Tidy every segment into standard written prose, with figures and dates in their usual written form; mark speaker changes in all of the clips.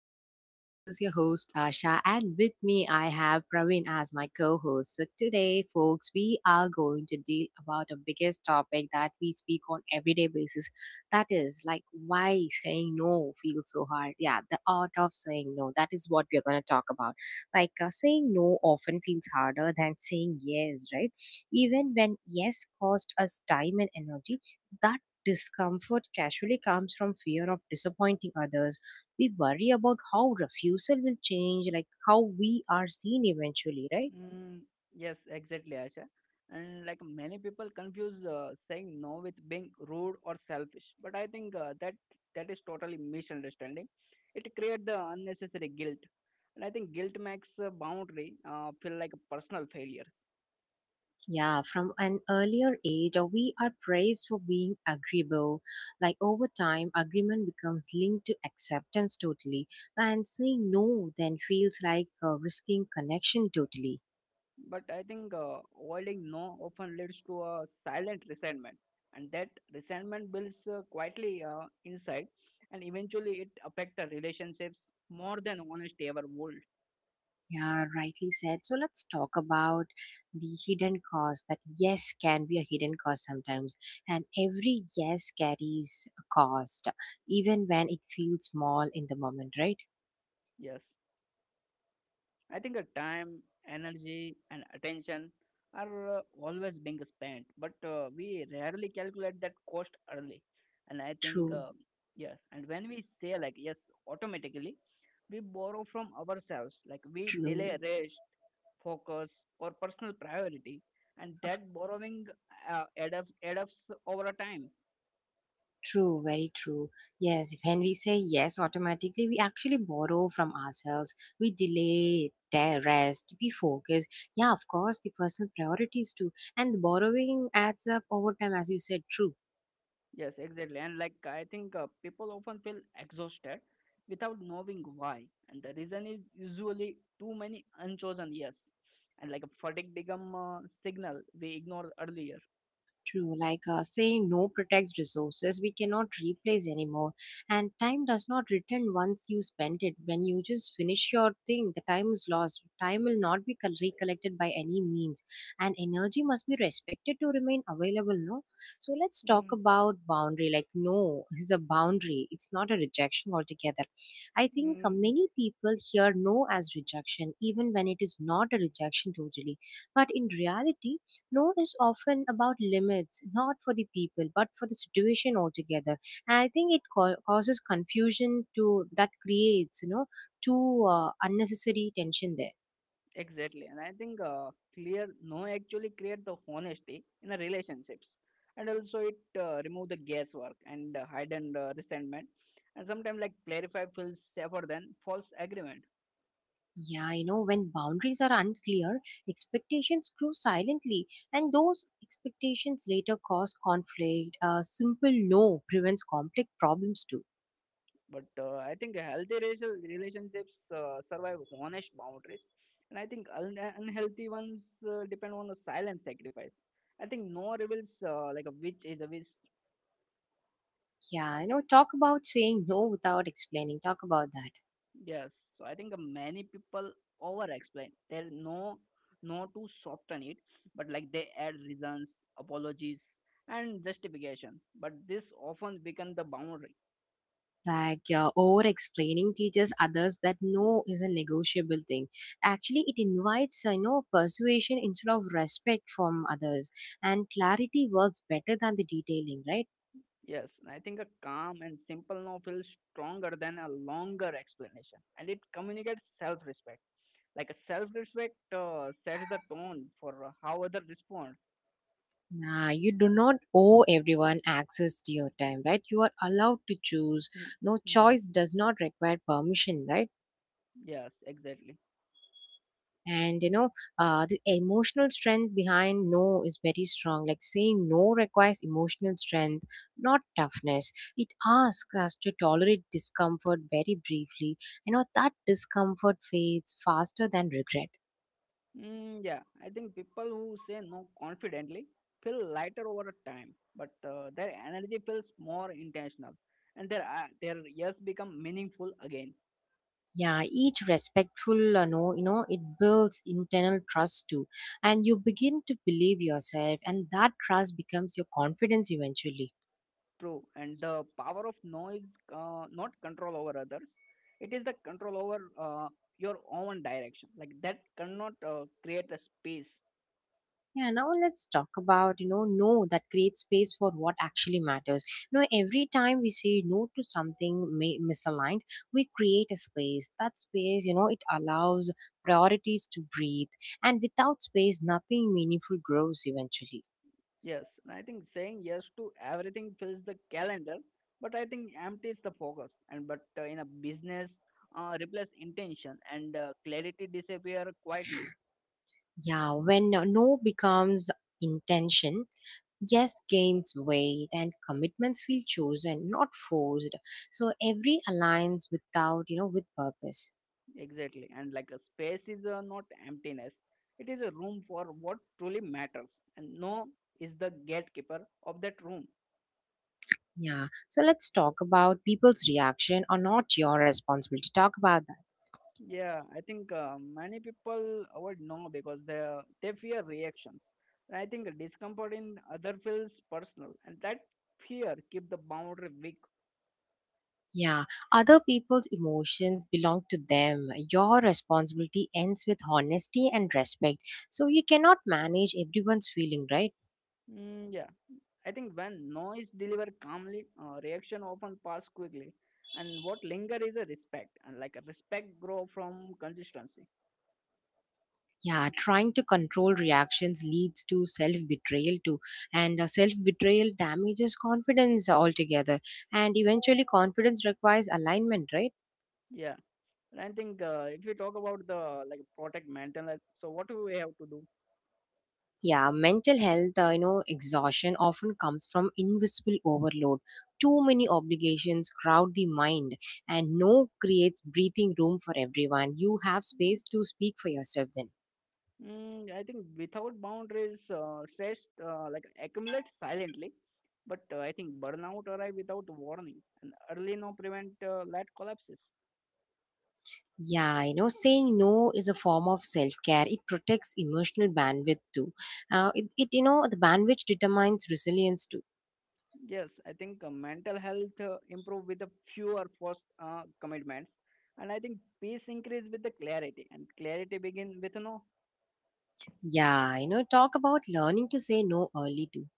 Speaker 1: everyone. This is your host, Asha, and with me, I have Praveen as my co host. So, today, folks, we are going to deal about a biggest topic that we speak on everyday basis. That is, like, why saying no feels so hard. Yeah, the art of saying no. That is what we're going to talk about. Saying no often feels harder than saying yes, right? Even when yes cost us time and energy, that discomfort casually comes from fear of disappointing others. We worry about how refusal will change, like how we are seen eventually, right?
Speaker 2: Mm, yes, exactly, Asha. And like many people confuse saying no with being rude or selfish, but I think uh, that is totally misunderstanding. It creates the unnecessary guilt, and I think guilt makes a boundary feel like personal failures.
Speaker 1: Yeah, from an earlier age, we are praised for being agreeable. Like over time, agreement becomes linked to acceptance totally, and saying no then feels like risking connection totally.
Speaker 2: But I think avoiding no often leads to a silent resentment, and that resentment builds quietly inside, and eventually it affects the relationships more than honesty ever would.
Speaker 1: Yeah, rightly said. So let's talk about the hidden cost that yes can be a hidden cost sometimes. And every yes carries a cost, even when it feels small in the moment, right?
Speaker 2: Yes. I think the time, energy, and attention are always being spent, but we rarely calculate that cost early. And I think,
Speaker 1: True,
Speaker 2: yes, and when we say like yes, automatically, we borrow from ourselves, like we delay
Speaker 1: true,
Speaker 2: rest, focus, or personal priority, and that borrowing uh, adds over a time.
Speaker 1: true, very true. Yes, when we say yes automatically, we actually borrow from ourselves, we Rest, we focus. Yeah, of course, the personal priorities too. And borrowing adds up over time, as you said, true.
Speaker 2: Yes, exactly. And like I think people often feel exhausted without knowing why. And the reason is usually too many unchosen yes. And like a fatigue become a signal we ignored earlier.
Speaker 1: True, like saying no protects resources we cannot replace anymore, and time does not return once you spend it. When you just finish your thing, the time is lost. Time will not be recollected by any means, and energy must be respected to remain available. No, so let's talk
Speaker 2: Mm,
Speaker 1: about boundary. Like no is a boundary; it's not a rejection altogether. I think
Speaker 2: mm.
Speaker 1: many people hear no as rejection, even when it is not a rejection totally, but in reality no is often about limits, not for the people, but for the situation altogether. And I think it causes confusion to that creates, you know, too unnecessary tension there.
Speaker 2: Exactly. And I think clear no actually create the honesty in the relationships. And also it remove the guesswork and hide and resentment. And sometimes like clarify feels safer than false agreement.
Speaker 1: Yeah, you know, when boundaries are unclear, expectations grow silently, and those expectations later cause conflict. A simple no prevents complex problems too.
Speaker 2: But I think healthy racial relationships survive honest boundaries, and I think unhealthy ones depend on the silent sacrifice. I think no reveals like a witch is a witch.
Speaker 1: Yeah, you know, talk about saying no without explaining. Talk about that.
Speaker 2: Yes, so I think many people over-explain. There no to soften it, but like they add reasons, apologies, and justification. But this often becomes the boundary.
Speaker 1: Like over explaining teaches others that no is a negotiable thing. Actually it invites you know persuasion instead of respect from others, and clarity works better than the detailing, right?
Speaker 2: Yes, and I think a calm and simple no feels stronger than a longer explanation, and it communicates self respect. Like a self respect sets the tone for how others respond.
Speaker 1: Nah, you do not owe everyone access to your time, right? You are allowed to choose.
Speaker 2: Mm,
Speaker 1: No
Speaker 2: mm,
Speaker 1: choice does not require permission, right?
Speaker 2: Yes, exactly.
Speaker 1: And you know, the emotional strength behind no is very strong. Like saying no requires emotional strength, not toughness. It asks us to tolerate discomfort very briefly. You know that discomfort fades faster than regret.
Speaker 2: Mm, yeah, I think people who say no confidently feel lighter over time, but their energy feels more intentional, and their yes become meaningful again.
Speaker 1: Yeah, each respectful no, you know, it builds internal trust too, and you begin to believe yourself, and that trust becomes your confidence eventually.
Speaker 2: True, and the power of no is not control over others. It is the control over your own direction. Like that cannot create a space.
Speaker 1: Yeah, now let's talk about, you know, no that creates space for what actually matters. You know, every time we say no to something may, misaligned, we create a space. That space, you know, it allows priorities to breathe. And without space, nothing meaningful grows eventually.
Speaker 2: Yes, and I think saying yes to everything fills the calendar, but I think empties the focus. And but in a business, replace intention and clarity disappear quietly.
Speaker 1: Yeah, when no becomes intention, yes gains weight and commitments feel chosen, not forced. So every aligns without, you know, with purpose.
Speaker 2: Exactly, and like a space is not emptiness. It is a room for what truly matters, and no is the gatekeeper of that room.
Speaker 1: Yeah. So let's talk about people's reaction are not your responsibility. Talk about that.
Speaker 2: Yeah, I think many people would know because they fear reactions. And I think discomfort in other feels personal, and that fear keep the boundary weak.
Speaker 1: Yeah. Other people's emotions belong to them. Your responsibility ends with honesty and respect. So you cannot manage everyone's feeling, right?
Speaker 2: Mm, yeah, I think when no is delivered calmly, reaction often pass quickly, and what linger is a respect, and like a respect grow from consistency.
Speaker 1: Yeah, trying to control reactions leads to self betrayal too, and self betrayal damages confidence altogether, and eventually, confidence requires alignment, right?
Speaker 2: Yeah, and I think if we talk about the like protect mental, health, so what do we have to do?
Speaker 1: Yeah, mental health, you know, exhaustion often comes from invisible overload. Too many obligations crowd the mind, and no creates breathing room for everyone. You have space to speak for yourself then.
Speaker 2: Mm, I think without boundaries, stress like accumulates silently, but I think burnout arrive without warning, and early no prevent late collapses.
Speaker 1: Yeah, you know, saying no is a form of self care. It protects emotional bandwidth too. It, you know, the bandwidth determines resilience too.
Speaker 2: Yes, I think mental health improve with the fewer forced commitments, and I think peace increase with the clarity, and clarity begin with no.
Speaker 1: Yeah, you know, talk about learning to say no early too.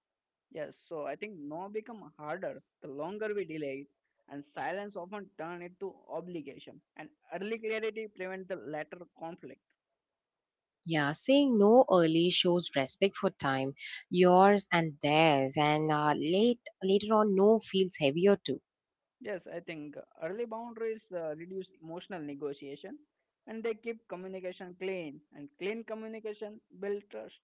Speaker 2: Yes, so I think no become harder the longer we delay it, and silence often turn it to obligation, and early clarity prevent the latter conflict.
Speaker 1: Yeah, saying no early shows respect for time, yours and theirs, and late later on, no feels heavier too.
Speaker 2: Yes, I think early boundaries reduce emotional negotiation and they keep communication clean and clean communication build trust.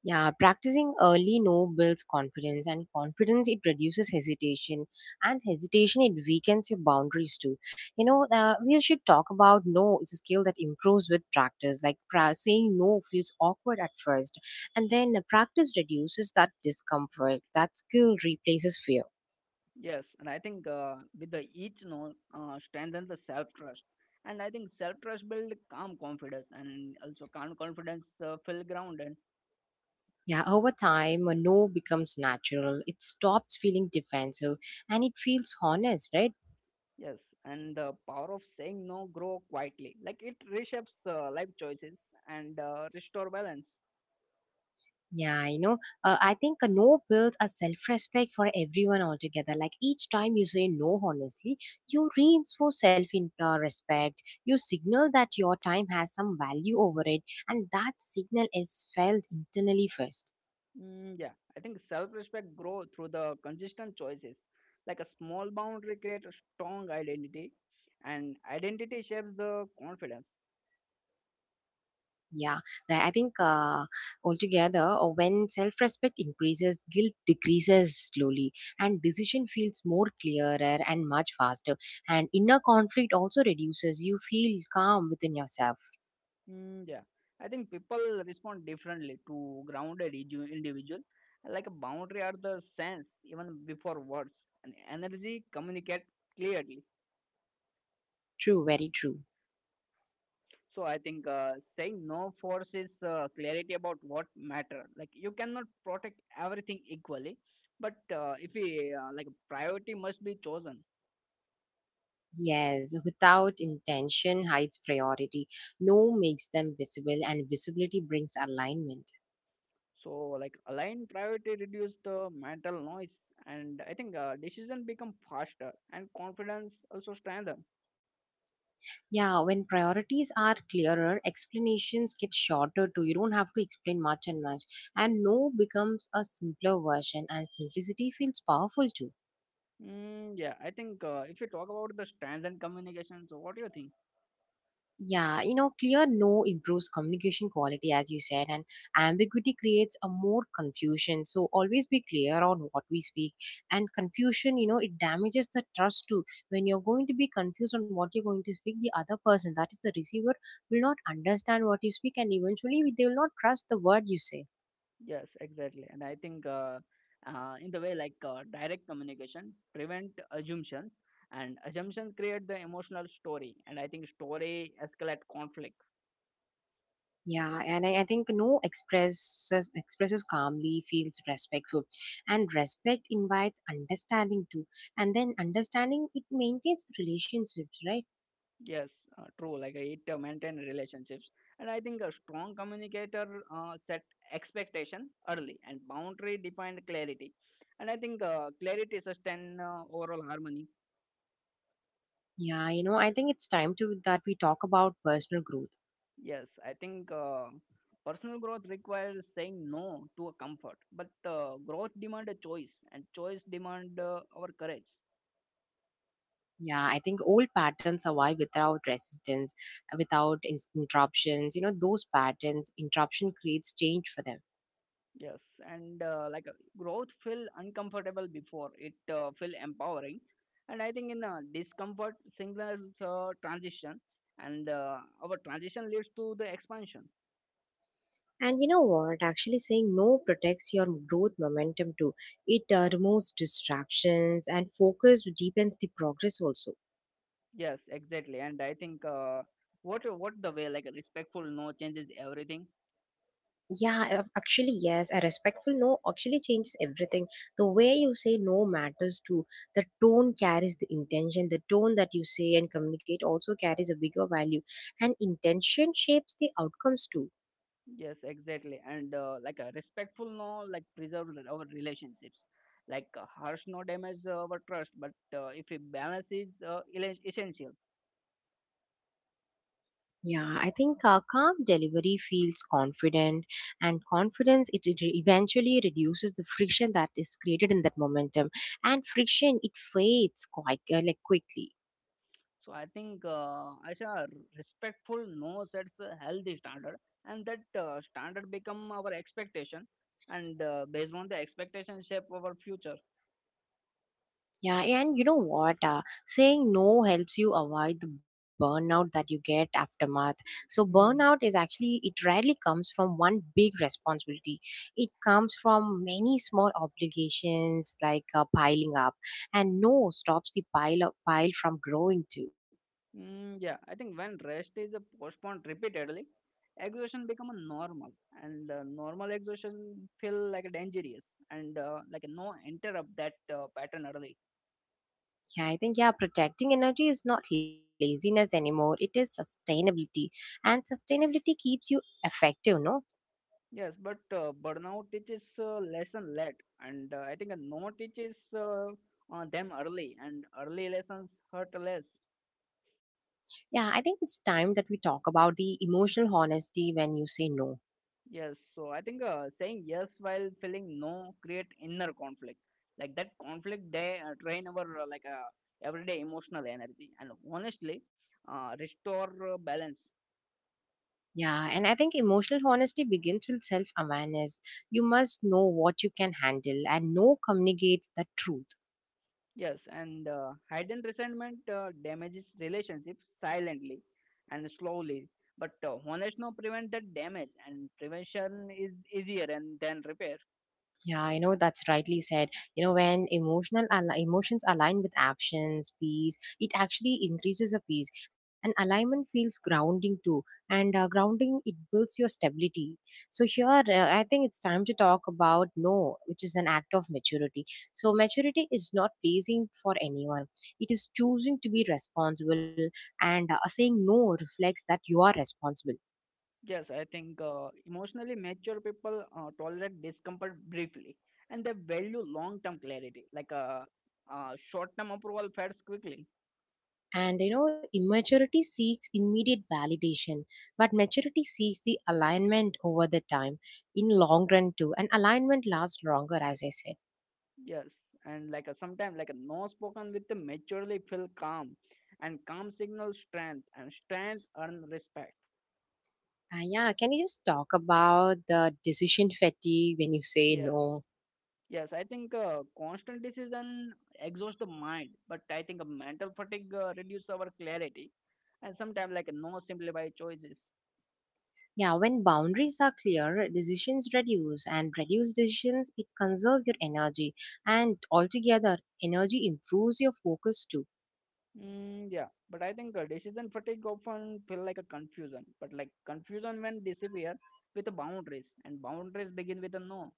Speaker 1: Yeah, practicing early no builds confidence, and confidence it reduces hesitation, and hesitation it weakens your boundaries too. You know, we should talk about no. It's a skill that improves with practice. Like saying no feels awkward at first, and then practice reduces that discomfort. That skill replaces fear.
Speaker 2: Yes, and I think with the each note strengthen the self trust and I think self trust build calm confidence and also calm confidence feel grounded.
Speaker 1: Yeah, over time, a no becomes natural. It stops feeling defensive and it feels honest, right?
Speaker 2: Yes, and the power of saying no grow quietly like it reshapes life choices and restore balance.
Speaker 1: Yeah, you know, I think a no builds a self respect for everyone altogether. Like each time you say no honestly, you reinforce self respect. You signal that your time has some value over it, and that signal is felt internally first.
Speaker 2: Mm, yeah, I think self-respect grow through the consistent choices. Like a small boundary create a strong identity, and identity shapes the confidence.
Speaker 1: Yeah, I think altogether, when self respect increases, guilt decreases slowly, and decision feels more clearer and much faster. And inner conflict also reduces. You feel calm within yourself.
Speaker 2: Mm, yeah, I think people respond differently to grounded individual. Like a boundary are the sense even before words, and energy communicate clearly.
Speaker 1: True, very true.
Speaker 2: So I think saying no forces clarity about what matter. Like you cannot protect everything equally, but if we like priority must be chosen.
Speaker 1: Yes, without intention hides priority. No makes them visible, and visibility brings alignment.
Speaker 2: So like align priority reduce the mental noise, and I think decision become faster and confidence also strengthen.
Speaker 1: Yeah, when priorities are clearer, explanations get shorter too. You don't have to explain much and much. And no becomes a simpler version, and simplicity feels powerful too.
Speaker 2: Mm, yeah, I think if you talk about the strength and communication, so what do you think?
Speaker 1: Yeah, you know, clear no improves communication quality, as you said, and ambiguity creates a more confusion. So always be clear on what we speak. And confusion, you know, it damages the trust too. When you're going to be confused on what you're going to speak, the other person, that is the receiver, will not understand what you speak, and eventually they will not trust the word you say.
Speaker 2: Yes, exactly. And I think in the way like direct communication prevent assumptions and assumptions create the emotional story and I think story escalate conflict.
Speaker 1: Yeah, and I think no expresses calmly feels respectful, and respect invites understanding too, and then understanding it maintains relationships, right?
Speaker 2: Yes, true. Like it maintain relationships and I think a strong communicator set expectation early and boundary defined clarity and I think clarity sustain overall harmony.
Speaker 1: Yeah, you know, I think it's time to that we talk about personal growth.
Speaker 2: Yes, I think personal growth requires saying no to a comfort, but growth demand a choice, and choice demand our courage.
Speaker 1: Yeah, I think old patterns survive without resistance, without interruptions. You know, those patterns interruption creates change for them.
Speaker 2: Yes, and growth feel uncomfortable before it feel empowering, and I think in discomfort signals transition, and our transition leads to the expansion.
Speaker 1: And you know what? Actually, saying no protects your growth momentum too. It removes distractions and focus deepens the progress also.
Speaker 2: Yes, exactly, and I think uh, what the way like a respectful no changes everything.
Speaker 1: Yeah, actually, yes. A respectful no actually changes everything. The way you say no matters too. The tone carries the intention. The tone that you say and communicate also carries a bigger value. And intention shapes the outcomes too.
Speaker 2: Yes, exactly. And like a respectful no, like preserve our relationships. Like harsh no damage our trust, but if a balance is essential.
Speaker 1: Yeah, I think calm delivery feels confident, and confidence it eventually reduces the friction that is created in that momentum, and friction it fades quite like quickly.
Speaker 2: So I think Asha, respectful no sets a healthy standard, and that standard become our expectation, and based on the expectation shape our future.
Speaker 1: Yeah, and you know what? Saying no helps you avoid the burnout that you get aftermath. So burnout is actually it rarely comes from one big responsibility. It comes from many small obligations like piling up, and no stops the pile up pile from growing too.
Speaker 2: Mm, yeah, I think when rest is postponed repeatedly, exhaustion become a normal, and normal exhaustion feel like dangerous, and like no interrupt that pattern early.
Speaker 1: Yeah, I think, yeah, protecting energy is not laziness anymore. It is sustainability. And sustainability keeps you effective, no?
Speaker 2: Yes, but burnout teaches lesson late, and I think no teaches them early, and early lessons hurt less.
Speaker 1: Yeah, I think it's time that we talk about the emotional honesty when you say no.
Speaker 2: Yes, so I think saying yes while feeling no create inner conflict. Like that conflict, day drain our everyday emotional energy and honestly restore balance.
Speaker 1: Yeah, and I think emotional honesty begins with self awareness. You must know what you can handle, and no communicates the truth.
Speaker 2: Yes, and hidden resentment damages relationships silently and slowly. But honest no prevent that damage, and prevention is easier and than repair.
Speaker 1: Yeah, I know that's rightly said. You know, when emotional emotions align with actions, peace, it actually increases a peace, and alignment feels grounding too. And grounding it builds your stability. So here, I think it's time to talk about no, which is an act of maturity. So maturity is not pleasing for anyone. It is choosing to be responsible, and saying no reflects that you are responsible.
Speaker 2: Yes, I think emotionally mature people tolerate discomfort briefly and they value long term clarity. Like a short term approval fades quickly.
Speaker 1: And you know, immaturity seeks immediate validation, but maturity seeks the alignment over the time in long run too. And alignment lasts longer, as I said.
Speaker 2: Yes, and like a sometimes, like a no spoken with the maturely feel calm, and calm signals strength, and strength earn respect.
Speaker 1: Yeah, can you just talk about the decision fatigue when you say
Speaker 2: Yes,
Speaker 1: no?
Speaker 2: yes, I think constant decision exhausts the mind, but I think mental fatigue reduces our clarity, and sometimes, like a no simplified choices.
Speaker 1: Yeah, when boundaries are clear, decisions reduce, and reduced decisions it conserve your energy, and altogether energy improves your focus too.
Speaker 2: Mm, yeah, but I think decision fatigue often feel like a confusion, but like confusion when disappear with the boundaries, and boundaries begin with a no.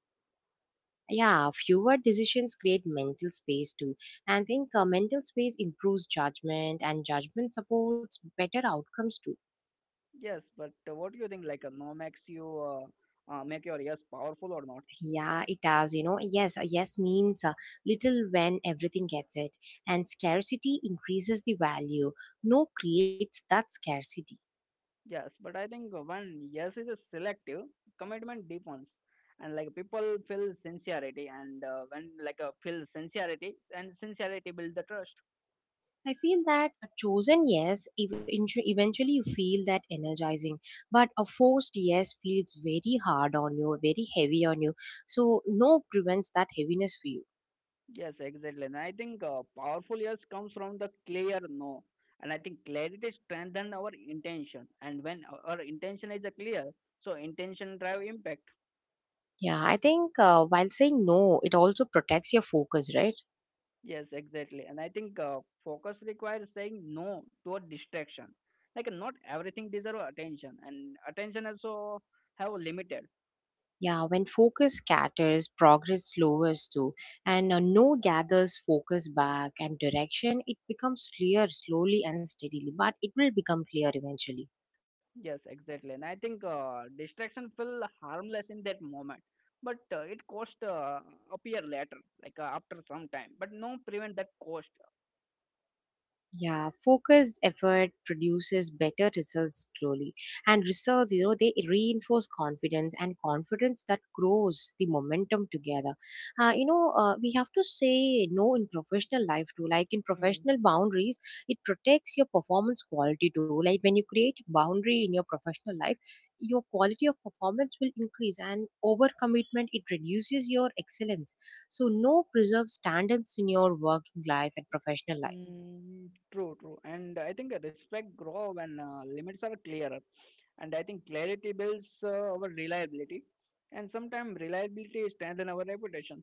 Speaker 1: Yeah, fewer decisions create mental space too, and I think mental space improves judgment and judgment supports better outcomes too.
Speaker 2: Yes, but what do you think? Like a no makes you make your yes powerful or not?
Speaker 1: Yeah, it does. You know, yes, yes means little when everything gets it, and scarcity increases the value. No creates that scarcity.
Speaker 2: Yes, but I think when yes is a selective, commitment deepens, and like people feel sincerity, and when like feel sincerity, and sincerity build the trust.
Speaker 1: I feel that a chosen yes, eventually you feel that energizing, but a forced yes feels very hard on you, very heavy on you. So, no prevents that heaviness for you.
Speaker 2: Yes, exactly. And I think powerful yes comes from the clear no. And I think clarity strengthens our intention. And when our intention is clear, so intention drive impact.
Speaker 1: Yeah, I think while saying no, it also protects your focus, right?
Speaker 2: Yes, exactly. And I think focus requires saying no to a distraction. Like not everything deserve attention, and attention also have limited.
Speaker 1: Yeah, when focus scatters, progress lowers too. And no gathers focus back and direction, it becomes clear slowly and steadily, but it will become clear eventually.
Speaker 2: Yes, exactly. And I think distraction feel harmless in that moment, but it cost appear later, like after some time. But no prevent that cost.
Speaker 1: Yeah, focused effort produces better results slowly. And results, you know, they reinforce confidence and confidence that grows the momentum together. You know, we have to say no in professional life too. Like in
Speaker 2: Hmm.
Speaker 1: professional boundaries, it protects your performance quality too. Like when you create boundary in your professional life, your quality of performance will increase, and overcommitment it reduces your excellence. So no preserves standards in your working life and professional life.
Speaker 2: Mm, true, true. And I think respect grow when limits are clearer. And I think clarity builds our reliability, and sometimes reliability strengthen our reputation.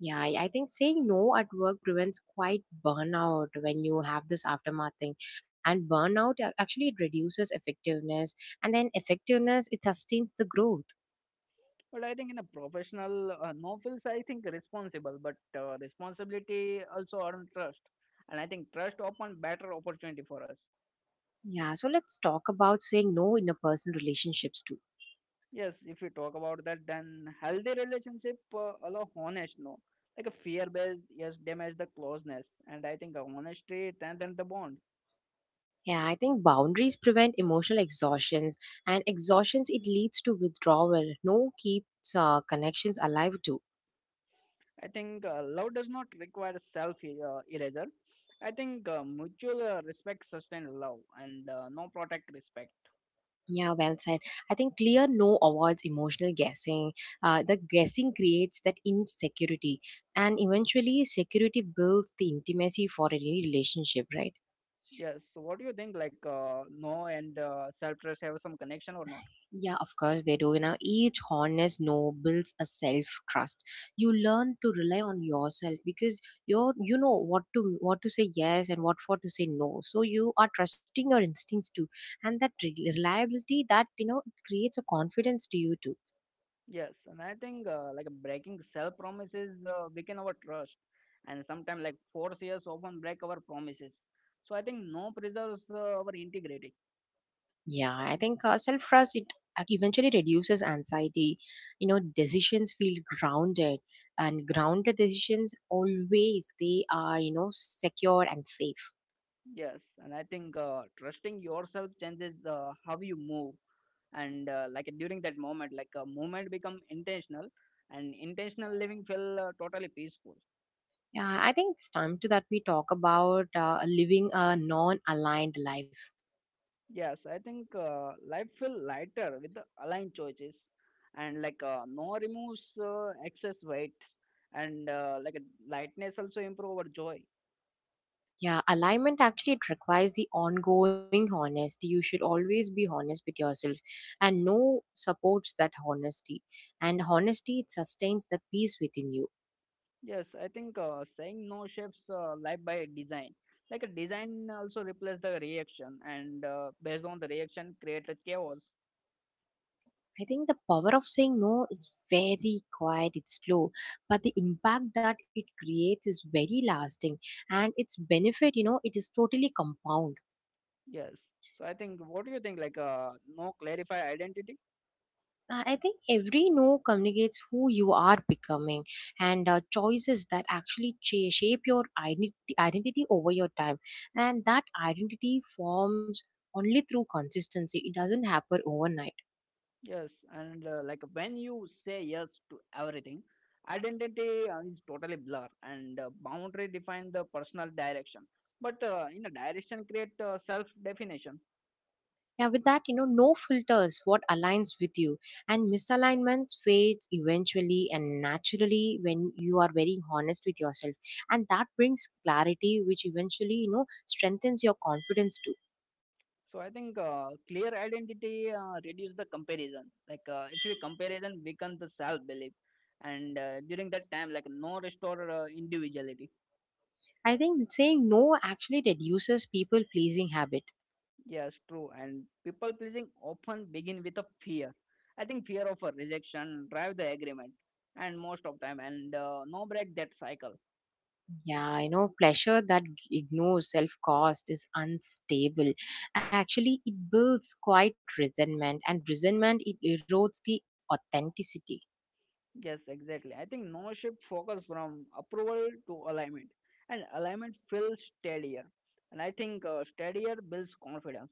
Speaker 1: Yeah, I think saying no at work prevents quite burnout when you have this aftermath thing. And burnout actually it reduces effectiveness, and then effectiveness it sustains the growth.
Speaker 2: But I think in a professional, no feels I think responsible, but responsibility also earn trust, and I think trust open better opportunity for us.
Speaker 1: Yeah, so let's talk about saying no in a personal relationships too.
Speaker 2: Yes, if you talk about that, then healthy relationship allow honest no, like a fear based yes damage the closeness, and I think honesty strengthen the bond.
Speaker 1: Yeah, I think boundaries prevent emotional exhaustions, and exhaustions it leads to withdrawal. No keeps connections alive too.
Speaker 2: I think love does not require self erasure. I think mutual respect sustain love, and no protect respect.
Speaker 1: Yeah, well said. I think clear no avoids emotional guessing. The guessing creates that insecurity, and eventually, security builds the intimacy for any relationship, right?
Speaker 2: Yes. So, what do you think? Like, no and self-trust have some connection or not?
Speaker 1: Yeah, of course they do. You know, each honest no builds a self trust. You learn to rely on yourself because you're you know what to say yes and what for to say no. So you are trusting your instincts too, and that reliability that you know creates a confidence to you too.
Speaker 2: Yes. And I think like breaking self-promises weaken our trust, and sometimes like force years often break our promises. So I think no preserves our integrity.
Speaker 1: Yeah, I think self trust it eventually reduces anxiety. You know, decisions feel grounded, and grounded decisions always they are you know secure and safe.
Speaker 2: Yes. And I think trusting yourself changes how you move, and like during that moment, like a movement become intentional, and intentional living feel totally peaceful.
Speaker 1: Yeah, I think it's time to that we talk about living a non-aligned life.
Speaker 2: Yes, I think life feel lighter with the aligned choices and like no removes excess weight and like lightness also improve our joy.
Speaker 1: Yeah, alignment actually it requires the ongoing honesty. You should always be honest with yourself, and no supports that honesty. And honesty it sustains the peace within you.
Speaker 2: Yes, I think saying no shapes life by design. Like a design also replace the reaction and based on the reaction create a chaos.
Speaker 1: I think the power of saying no is very quiet, it's slow, but the impact that it creates is very lasting, and its benefit, you know, it is totally compound.
Speaker 2: Yes. So I think what do you think like no clarify identity?
Speaker 1: I think every no communicates who you are becoming, and choices that actually shape your identity, identity over your time. And that identity forms only through consistency, it doesn't happen overnight.
Speaker 2: Yes, and like when you say yes to everything, identity is totally blur, and boundary define the personal direction. But in a direction, create self definition.
Speaker 1: Yeah, with that, you know, no filters what aligns with you, and misalignments fades eventually and naturally when you are very honest with yourself, and that brings clarity, which eventually you know strengthens your confidence too.
Speaker 2: So I think clear identity reduce the comparison. Like if you comparison weaken the self belief, and during that time, like no restore individuality.
Speaker 1: I think saying no actually reduces people pleasing habit.
Speaker 2: Yes, true. And people pleasing often begin with a fear. I think fear of a rejection drive the agreement, and most of time, and no break that cycle.
Speaker 1: Yeah, you know, pleasure that ignores self cost is unstable. Actually, it builds quite resentment, and resentment it erodes the authenticity.
Speaker 2: Yes, exactly. I think no shift focus from approval to alignment, and alignment feels steadier. And I think steadier builds confidence.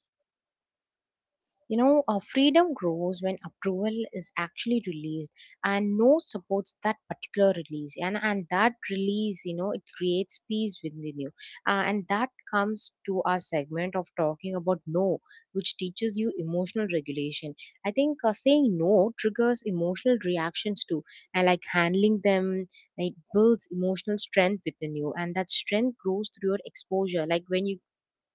Speaker 1: You know, freedom grows when approval is actually released, and no supports that particular release. And that release, you know, it creates peace within you. And that comes to our segment of talking about no, which teaches you emotional regulation. I think saying no triggers emotional reactions too. And like handling them, it builds emotional strength within you. And that strength grows through your exposure. Like when you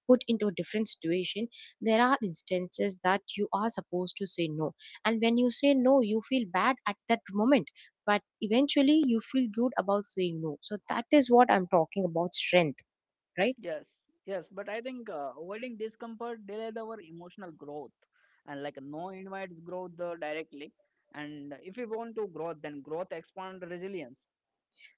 Speaker 1: put into a different situation, there are instances that you are supposed to say no, and when you say no you feel bad at that moment, but eventually you feel good about saying no. So that is what I'm talking about, strength, right?
Speaker 2: Yes, yes. But I think avoiding discomfort delays our emotional growth, and like no invites growth directly. And if we want to grow, then growth expands resilience.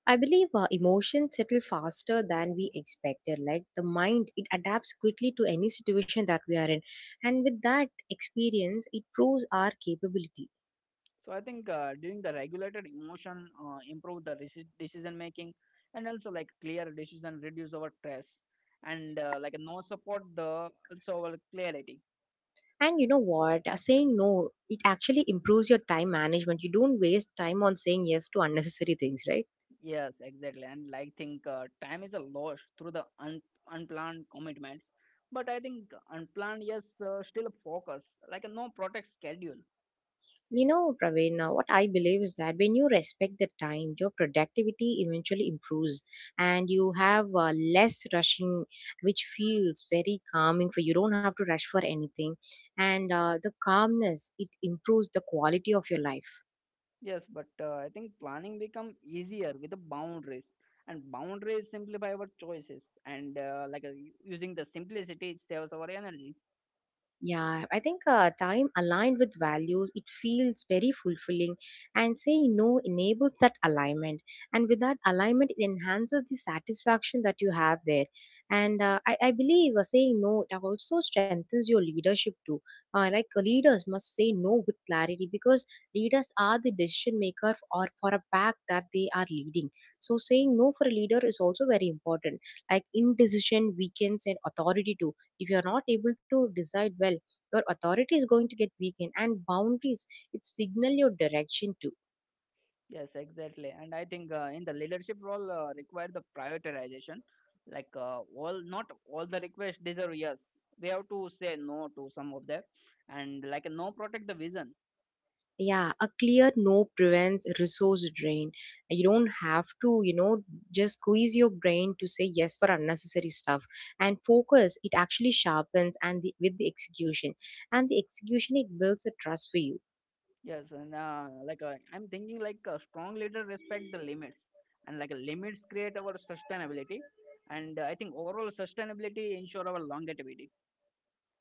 Speaker 1: I believe emotions settle faster than we expected. Like the mind it adapts quickly to any situation that we are in, and with that experience it proves our capability.
Speaker 2: So I think during the regulated emotion improve the decision making, and also like clear decision reduce our stress, and like no support the also our clarity.
Speaker 1: And you know what? Saying no, it actually improves your time management. You don't waste time on saying yes to unnecessary things, right?
Speaker 2: Yes, exactly. And like think time is a loss through the unplanned commitments. But I think unplanned yes still focus, like no protect schedule.
Speaker 1: You know, Praveen, what I believe is that when you respect the time, your productivity eventually improves, and you have less rushing, which feels very calming for you. Don't have to rush for anything. And the calmness, it improves the quality of your life.
Speaker 2: Yes, but I think planning become easier with the boundaries, and boundaries simplify our choices. And using the simplicity, it saves our energy.
Speaker 1: Yeah, I think time aligned with values, it feels very fulfilling. And saying no enables that alignment. And with that alignment, it enhances the satisfaction that you have there. And I believe saying no, it also strengthens your leadership too. Like leaders must say no with clarity, because leaders are the decision maker f- or for a fact that they are leading. So saying no for a leader is also very important. Like indecision weakens and authority too. If you're not able to decide well, your authority is going to get weakened, and boundaries it signal your direction too.
Speaker 2: Yes, exactly. And I think in the leadership role, require the prioritization. Like not all the requests deserve yes. We have to say no to some of them, and like no protect the vision.
Speaker 1: Yeah, a clear no prevents resource drain. You don't have to you know just squeeze your brain to say yes for unnecessary stuff, and focus it actually sharpens and the, with the execution, and the execution it builds a trust for you.
Speaker 2: Yes, and I'm thinking like a strong leader respect the limits, and like limits create our sustainability, and I think overall sustainability ensure our longevity.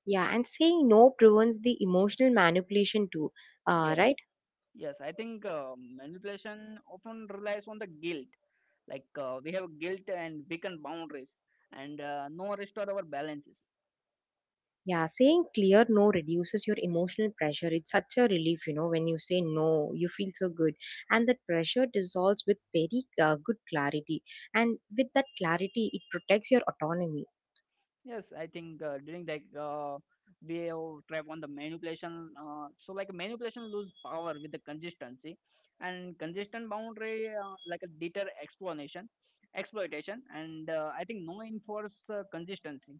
Speaker 1: Yeah, and saying no prevents the emotional manipulation too,
Speaker 2: Yes,
Speaker 1: right?
Speaker 2: yes, I think manipulation often relies on the guilt. Like we have guilt and weakened boundaries, and no restore our balances.
Speaker 1: Yeah, saying clear no reduces your emotional pressure. It's such a relief, you know, when you say no, you feel so good. And that pressure dissolves with very good clarity. And with that clarity, it protects your autonomy.
Speaker 2: Yes, I think during like we have trap on the manipulation. So like manipulation lose power with the consistency, and consistent boundary like a deter explanation, exploitation, and I think no enforce consistency.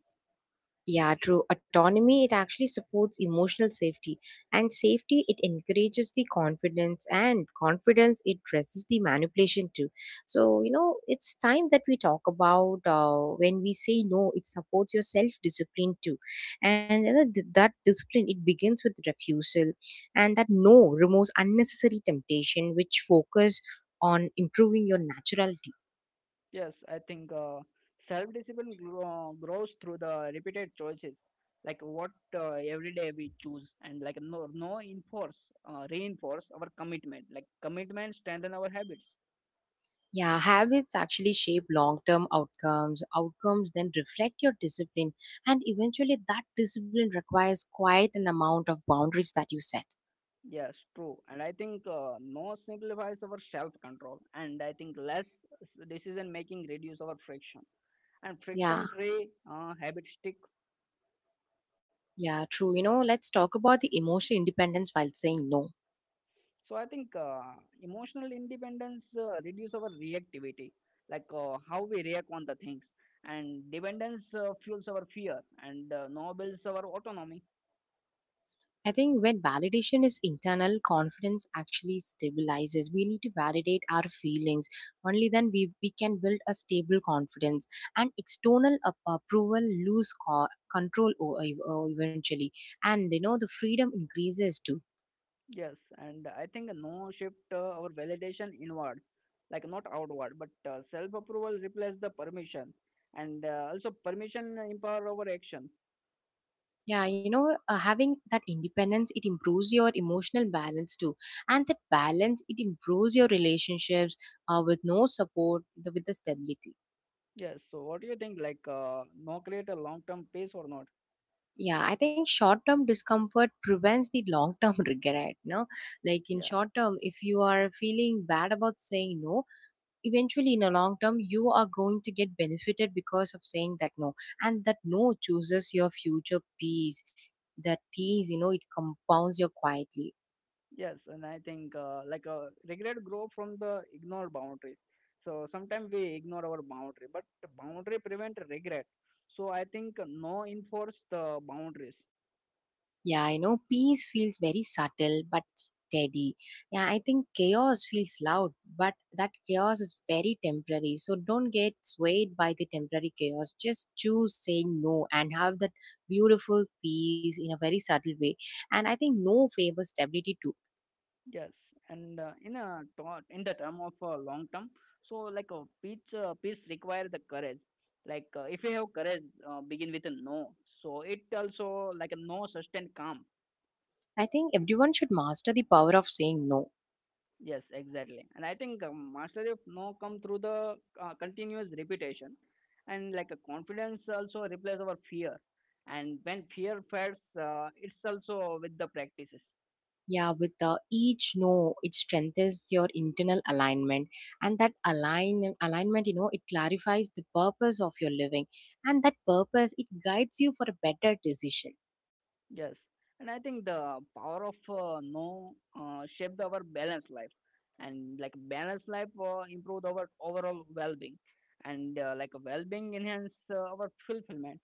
Speaker 1: Yeah, true. Autonomy, it actually supports emotional safety. And safety, it encourages the confidence. And confidence, it dresses the manipulation too. So, you know, it's time that we talk about when we say no, it supports your self discipline too. And you know, that discipline, it begins with refusal. And that no removes unnecessary temptation, which focus on improving your naturality.
Speaker 2: Yes, I think self-discipline grows through the repeated choices, like what every day we choose, and like no enforce reinforce our commitment. Like commitment strengthen our habits.
Speaker 1: Yeah, habits actually shape long term outcomes. Outcomes then reflect your discipline, and eventually, that discipline requires quite an amount of boundaries that you set.
Speaker 2: Yes, true. And I think no simplifies our self-control. And I think less decision making reduce our friction. And
Speaker 1: Yeah,
Speaker 2: friction-free habit stick.
Speaker 1: yeah, true. You know, let's talk about the emotional independence while saying no.
Speaker 2: So I think emotional independence reduce our reactivity, like how we react on the things. And dependence fuels our fear, and no builds our autonomy.
Speaker 1: I think when validation is internal, confidence actually stabilizes. We need to validate our feelings. Only then we can build a stable confidence. And external approval lose control eventually. And you know, the freedom increases too.
Speaker 2: Yes, and I think no shift our validation inward, like not outward, but self approval replaces the permission, and also permission empower our action.
Speaker 1: Yeah, you know, having that independence, it improves your emotional balance too. And that balance, it improves your relationships with no support, the, with the stability.
Speaker 2: Yes, so what do you think? Like, no create a long term pace or not?
Speaker 1: Yeah, I think short term discomfort prevents the long term regret. No, like in
Speaker 2: Yeah,
Speaker 1: short term, if you are feeling bad about saying no, eventually in a long term, you are going to get benefited because of saying that no, and that no chooses your future peace. That peace, you know, it compounds you quietly.
Speaker 2: yes, and I think regret grow from the ignored boundary. So sometimes we ignore our boundary, but boundary prevent regret. So I think no enforce the boundaries.
Speaker 1: Yeah, I know peace feels very subtle but steady. Yeah, I think chaos feels loud, but that chaos is very temporary. So don't get swayed by the temporary chaos. Just choose saying no and have that beautiful peace in a very subtle way. And I think no favors stability too.
Speaker 2: Yes, and in the term of long term, so like a peace, peace require the courage. Like if you have courage, begin with a no. So it also like a no sustained calm.
Speaker 1: I think everyone should master the power of saying no.
Speaker 2: Yes, exactly. And I think mastery of no come through the continuous repetition, and like a confidence also replace our fear. And when fear fades, it's also with the practices.
Speaker 1: Yeah, with the each no, it strengthens your internal alignment, and that alignment, you know, it clarifies the purpose of your living, and that purpose it guides you for a better decision.
Speaker 2: Yes, and I think the power of no shaped our balanced life, and like balanced life improved our overall well-being, and like well-being enhance our fulfillment.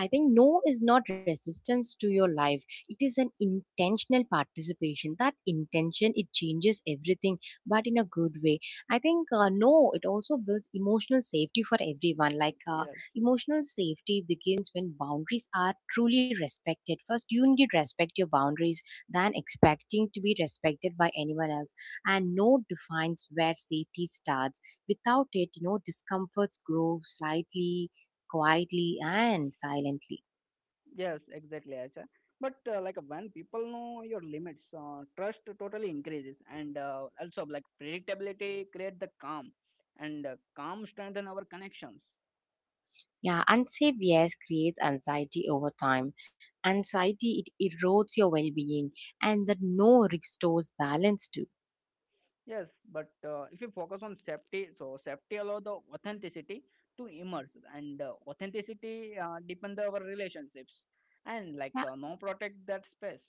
Speaker 1: I think no is not resistance to your life. It is an intentional participation. That intention, it changes everything, but in a good way. I think no, it also builds emotional safety for everyone.
Speaker 2: Yes,
Speaker 1: Emotional safety begins when boundaries are truly respected. First, you need to respect your boundaries than expecting to be respected by anyone else. And no defines where safety starts. Without it, you know, discomforts grow slightly quietly and silently.
Speaker 2: yes, exactly, Acha. But like when people know your limits, trust totally increases, and also like predictability create the calm, and calm strengthen our connections.
Speaker 1: Yeah, unsafe yes creates anxiety over time. Anxiety it erodes your well-being, and that no restores balance too.
Speaker 2: Yes, but if you focus on safety, so safety allow the authenticity to emerge, and authenticity depend our relationships, and
Speaker 1: Yeah,
Speaker 2: like no protect that space.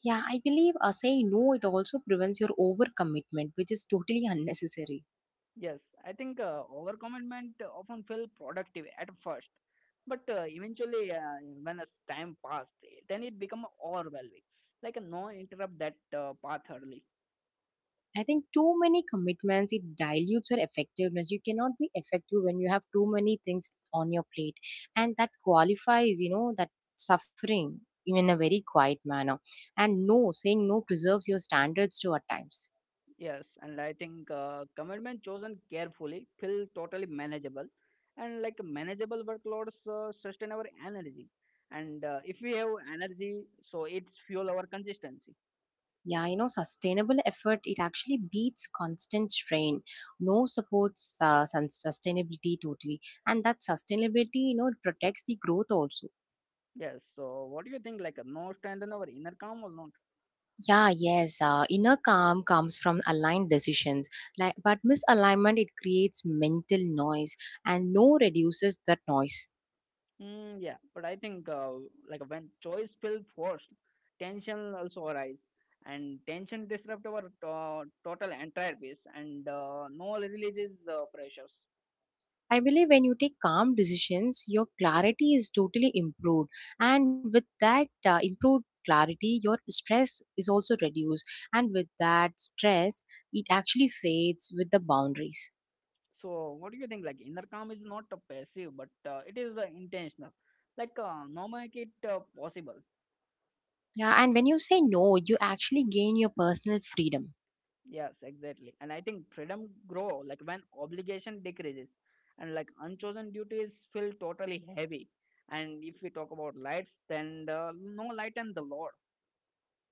Speaker 1: yeah, I believe saying no it also prevents your overcommitment, which is totally unnecessary.
Speaker 2: Yes, I think overcommitment often feel productive at first, but eventually when as time passed, then it become overwhelming. Like no interrupt that path early.
Speaker 1: I think too many commitments, it dilutes your effectiveness. You cannot be effective when you have too many things on your plate. And that qualifies, you know, that suffering in a very quiet manner. And no, saying no preserves your standards too at times.
Speaker 2: Yes, and I think commitment chosen carefully feel totally manageable, and like manageable workloads sustain our energy, and if we have energy, so it's fuel our consistency.
Speaker 1: Yeah, you know, sustainable effort, it actually beats constant strain. No supports sustainability totally. And that sustainability, you know, it protects the growth also.
Speaker 2: Yes. So what do you think? Like, no strengthen our inner calm or not?
Speaker 1: Yeah, yes. Inner calm comes from aligned decisions, like, but misalignment it creates mental noise, and no reduces that noise.
Speaker 2: Mm, yeah, but I think like when choice feel forced, tension also arise, and tension disrupt our total entire piece, and no releases pressures.
Speaker 1: I believe when you take calm decisions, your clarity is totally improved, and with that improved clarity, your stress is also reduced, and with that stress, it actually fades with the boundaries.
Speaker 2: So, what do you think? Like, inner calm is not a passive, but it is intentional. Like, no make it possible.
Speaker 1: Yeah, and when you say no, you actually gain your personal freedom.
Speaker 2: Yes, exactly. And I think freedom grow like when obligation decreases, and like unchosen duties feel totally heavy. And if we talk about lights, then the, no light and the Lord.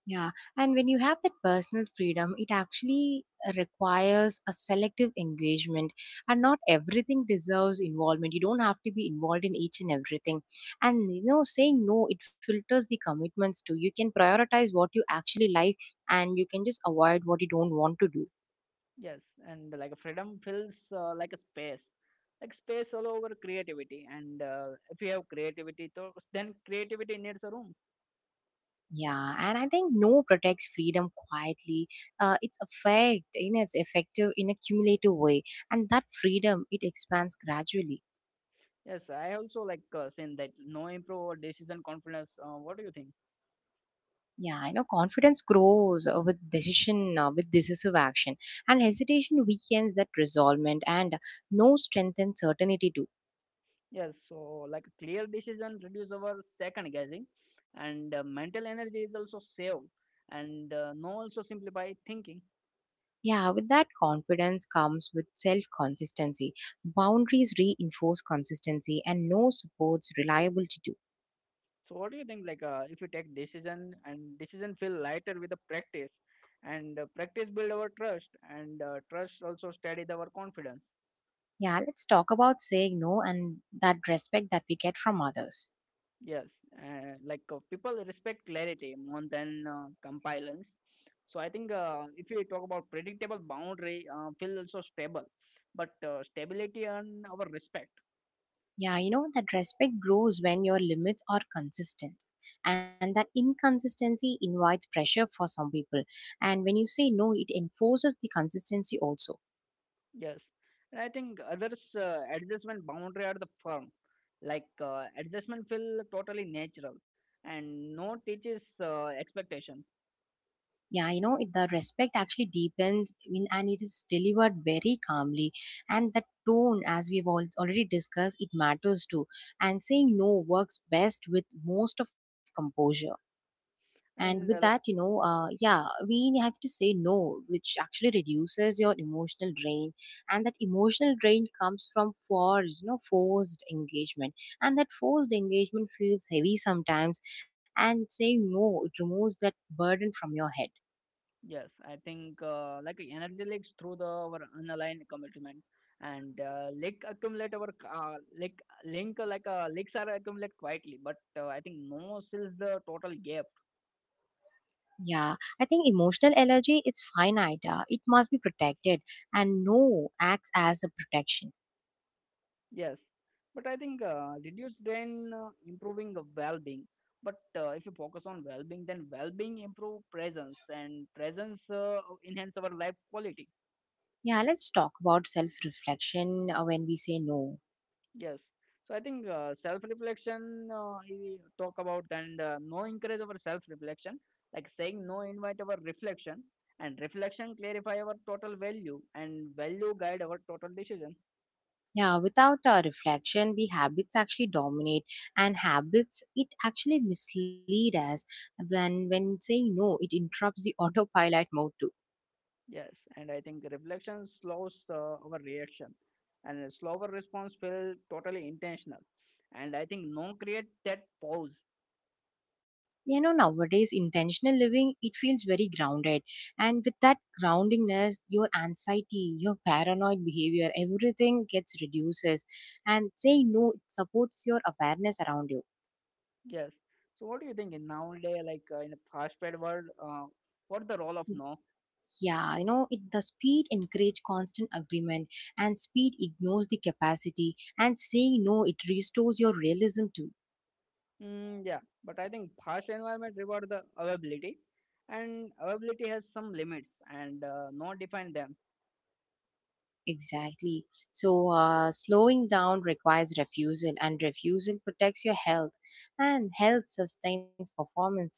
Speaker 1: Yeah, and when you have that personal freedom, it actually requires a selective engagement, and not everything deserves involvement. You don't have to be involved in each and everything. And you know, saying no, it filters the commitments too. You can prioritize what you actually like, and you can just avoid what you don't want to do.
Speaker 2: Yes, and like freedom feels like a space, like space all over creativity. And if you have creativity, so then creativity needs a room.
Speaker 1: Yeah, and I think no protects freedom quietly. It's effect, you know, it's effective in a cumulative way, and that freedom it expands gradually.
Speaker 2: Yes, I also like saying that no improve our decision confidence. What do you think?
Speaker 1: Yeah, I know confidence grows with decision, with decisive action, and hesitation weakens that resolvement, and no strength and certainty too.
Speaker 2: Yes, so like clear decision reduce our second guessing, and mental energy is also saved, and no also simplify thinking.
Speaker 1: Yeah, with that confidence comes with self consistency. Boundaries reinforce consistency, and no supports reliability too.
Speaker 2: So what do you think? Like if you take decision and decision feel lighter with the practice, and practice build our trust, and trust also steady our confidence.
Speaker 1: Yeah, let's talk about saying no and that respect that we get from others.
Speaker 2: Yes, like people respect clarity more than compliance. So I think if you talk about predictable boundary, feel also stable, but stability and our respect.
Speaker 1: Yeah, you know, that respect grows when your limits are consistent. And that inconsistency invites pressure for some people. And when you say no, it enforces the consistency also.
Speaker 2: Yes, and I think others adjustment boundary are the firm, like adjustment feel totally natural, and no teaches expectation.
Speaker 1: Yeah, you know, it, the respect actually deepens in, and it is delivered very calmly. And the tone, as we've all already discussed, it matters too. And saying no works best with most of composure. And with that,
Speaker 2: And
Speaker 1: yeah, we have to say no, which actually reduces your emotional drain. And that emotional drain comes from forced engagement, and that forced engagement feels heavy sometimes, and saying no, it removes that burden from your head.
Speaker 2: Yes, I think like energy leaks through the our unaligned commitment, and leak accumulate our leak link like leaks are accumulate quietly, but I think no seals the total gap.
Speaker 1: Yeah, I think emotional energy is finite. It must be protected, and no acts as a protection.
Speaker 2: Yes, but I think reduce drain improving the well-being. But if you focus on well-being, then well-being improve presence, and presence enhance our life quality.
Speaker 1: Yeah, let's talk about self reflection when we say no.
Speaker 2: Yes. So I think self-reflection, we talk about, and no encourage our self-reflection, like saying no invite our reflection, and reflection clarify our total value, and value guide our total decision.
Speaker 1: Yeah, without a reflection, the habits actually dominate, and habits, it actually mislead us. When saying no, it interrupts the autopilot mode too.
Speaker 2: Yes. And I think reflection slows our reaction, and a slower response feel totally intentional. And I think no create that pause.
Speaker 1: You know, nowadays intentional living, it feels very grounded, and with that groundingness, your anxiety, your paranoid behavior, everything gets reduces, and saying no, it supports your awareness around you.
Speaker 2: Yes. So what do you think in nowadays, like in a fast-paced world, what the role of no?
Speaker 1: Yeah, you know, it, the speed encourage constant agreement, and speed ignores the capacity, and saying no, it restores your realism too.
Speaker 2: Mm, yeah, but I think harsh environment reward the availability, and availability has some limits, and not define them.
Speaker 1: Exactly. So slowing down requires refusal, and refusal protects your health, and health sustains performance too.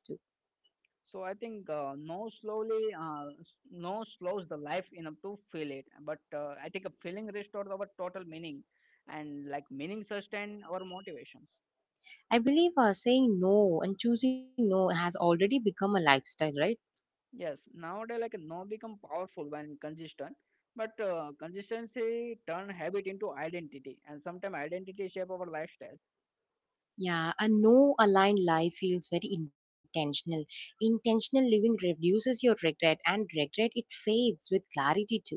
Speaker 2: So I think no slowly no slows the life enough to feel it. But I think a feeling restores our total meaning, and like meaning sustain our motivations.
Speaker 1: I believe saying no and choosing no has already become a lifestyle, right?
Speaker 2: Yes, nowadays like no become powerful when consistent, but consistency turn habit into identity, and sometimes identity shape our lifestyle.
Speaker 1: Yeah, a no aligned life feels very intentional. Intentional living reduces your regret, and regret, it fades with clarity too.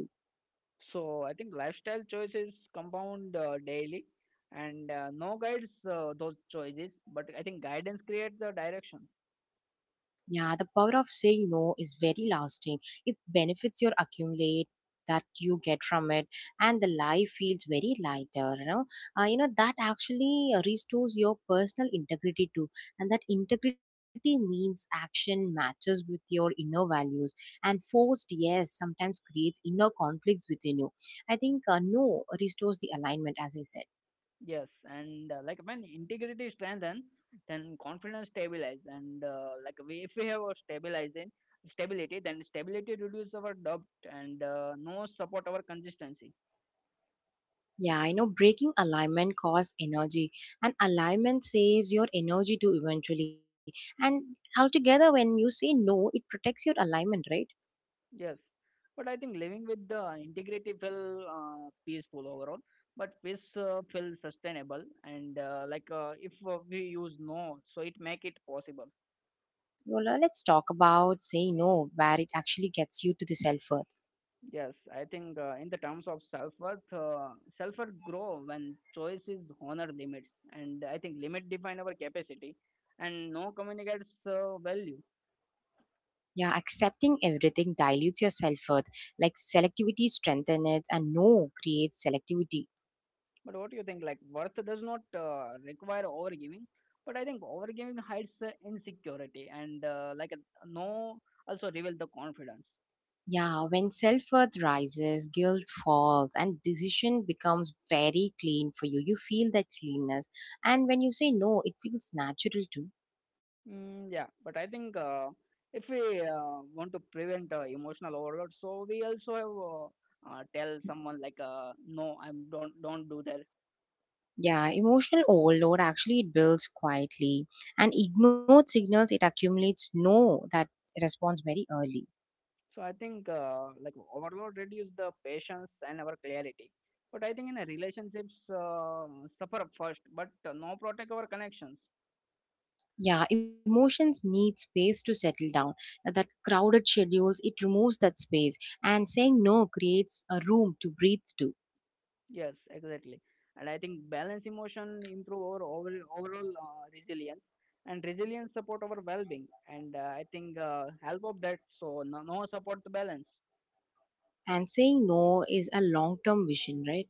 Speaker 2: So I think lifestyle choices compound daily, and no guides those choices. But I think guidance creates the direction.
Speaker 1: Yeah, the power of saying no is very lasting. It benefits your accumulate that you get from it, and the life feels very lighter, that actually restores your personal integrity too. And that integrity means action matches with your inner values, and forced yes sometimes creates inner conflicts within you. I think no restores the alignment, as I said.
Speaker 2: Yes, and like when integrity strengthen, then confidence stabilize, and like we, if we have a stabilizing stability, then stability reduces our doubt, and no support our consistency.
Speaker 1: Yeah, I know breaking alignment costs energy, and alignment saves your energy too eventually. And altogether, when you say no, it protects your alignment, right?
Speaker 2: Yes, but I think living with the integrity felt peaceful overall. But peace felt sustainable, and like if we use no, so it make it possible.
Speaker 1: Well, let's talk about saying no, where it actually gets you to the self worth.
Speaker 2: Yes, I think in the terms of self worth grow when choices honor limits, and I think limit define our capacity, and no communicates value.
Speaker 1: Yeah, accepting everything dilutes your self worth. Like selectivity strengthens it, and no creates selectivity.
Speaker 2: But what do you think? Like worth does not require overgiving, but I think overgiving hides insecurity, and like a no also reveal the confidence.
Speaker 1: Yeah, when self worth rises, guilt falls, and decision becomes very clean for you. You feel that cleanness, and when you say no, it feels natural too.
Speaker 2: Mm, yeah, but I think if we want to prevent emotional overload, so we also have, tell someone like no, I'm don't do that.
Speaker 1: Yeah, emotional overload actually, it builds quietly, and ignored signals, it accumulates no that responds very early.
Speaker 2: So I think like overload reduce the patience and our clarity. But I think in a relationships suffer first, but no protect our connections.
Speaker 1: Yeah, emotions need space to settle down. That crowded schedules, it removes that space, and saying no creates a room to breathe to.
Speaker 2: Yes, exactly. And I think balance emotion improve our overall resilience, and resilience support our well-being. And I think help of that. So no support the balance.
Speaker 1: And saying no is a long term vision, right?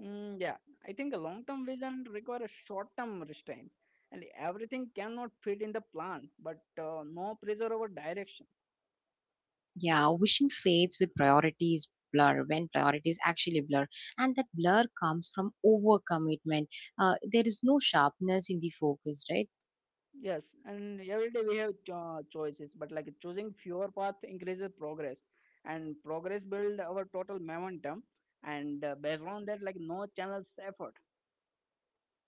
Speaker 2: Mm, yeah, I think a long-term vision require a short-term restraint, and everything cannot fit in the plan, but no pressure over direction.
Speaker 1: Yeah, vision fades with priorities blur when priorities actually blur, and that blur comes from overcommitment. There is no sharpness in the focus, right?
Speaker 2: Yes, and every day we have choices, but like choosing fewer path increases progress, and progress build our total momentum, and based on that, like no channels effort.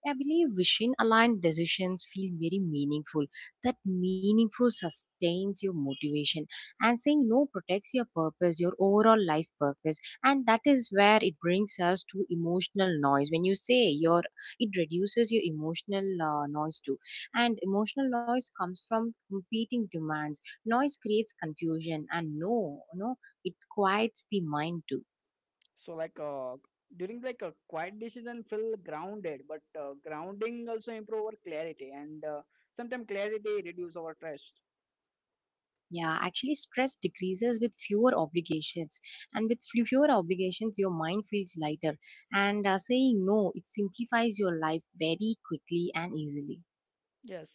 Speaker 1: I believe vision aligned decisions feel very meaningful. That meaningful sustains your motivation. And saying no protects your purpose, your overall life purpose. And that is where it brings us to emotional noise. When you say your, it reduces your emotional noise too. And emotional noise comes from competing demands. Noise creates confusion, and no, it quiets the mind too.
Speaker 2: So during like a quiet decision, feel grounded, but grounding also improve our clarity, and sometimes clarity reduce our trust.
Speaker 1: Yeah, actually, stress decreases with fewer obligations, and with fewer obligations, your mind feels lighter. And saying no, it simplifies your life very quickly and easily.
Speaker 2: Yes.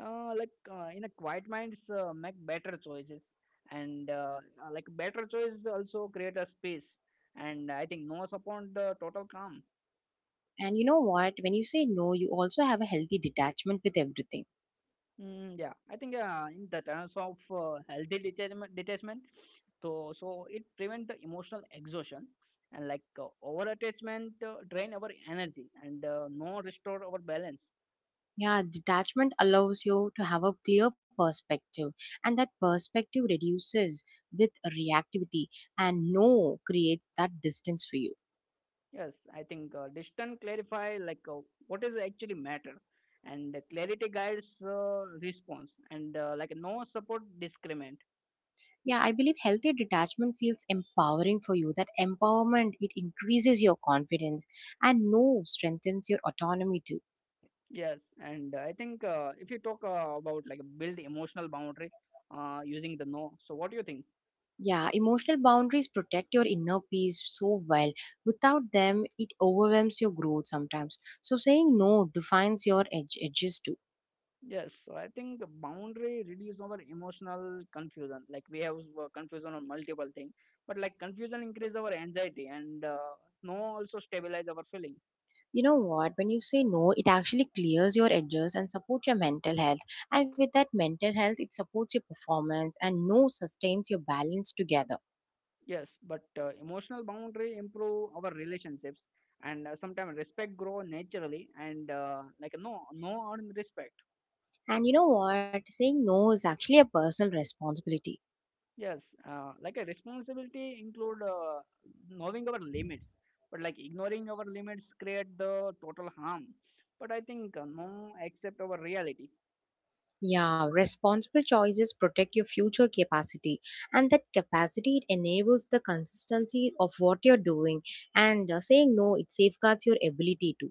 Speaker 2: In a quiet minds make better choices and like better choices also create a space and I think no upon the total calm
Speaker 1: And you know what? When you say no, you also have a healthy detachment with everything.
Speaker 2: yeah I think in the terms of healthy detachment, detachment it prevent the emotional exhaustion and over attachment drain our energy and no restore our balance.
Speaker 1: Yeah, detachment allows you to have a clear perspective, and that perspective reduces with reactivity, and no creates that distance for you.
Speaker 2: Yes, I think distant clarify what is actually matter, and the clarity guides response, and like no support discriminate.
Speaker 1: Yeah, I believe healthy detachment feels empowering for you. That empowerment, it increases your confidence, and no strengthens your autonomy too.
Speaker 2: Yes, and I think if you talk about like build emotional boundary using the no, so what do you think?
Speaker 1: Yeah, emotional boundaries protect your inner peace so well. Without them, it overwhelms your growth sometimes. So saying no defines your edge, edges too.
Speaker 2: Yes, so I think the boundary reduce our emotional confusion. Like we have confusion on multiple things, but like confusion increase our anxiety, and no also stabilize our feeling.
Speaker 1: You know what? When you say no, it actually clears your edges and supports your mental health. And with that mental health, it supports your performance, and no sustains your balance together.
Speaker 2: Yes, but emotional boundary improve our relationships, and sometimes respect grow naturally, and like no earned respect.
Speaker 1: And you know what? Saying no is actually a personal responsibility.
Speaker 2: Yes, like a responsibility include knowing our limits, but like ignoring our limits create the total harm. But I think no accept our reality.
Speaker 1: Yeah, responsible choices protect your future capacity, and that capacity, it enables the consistency of what you're doing. And saying no, it safeguards your ability to.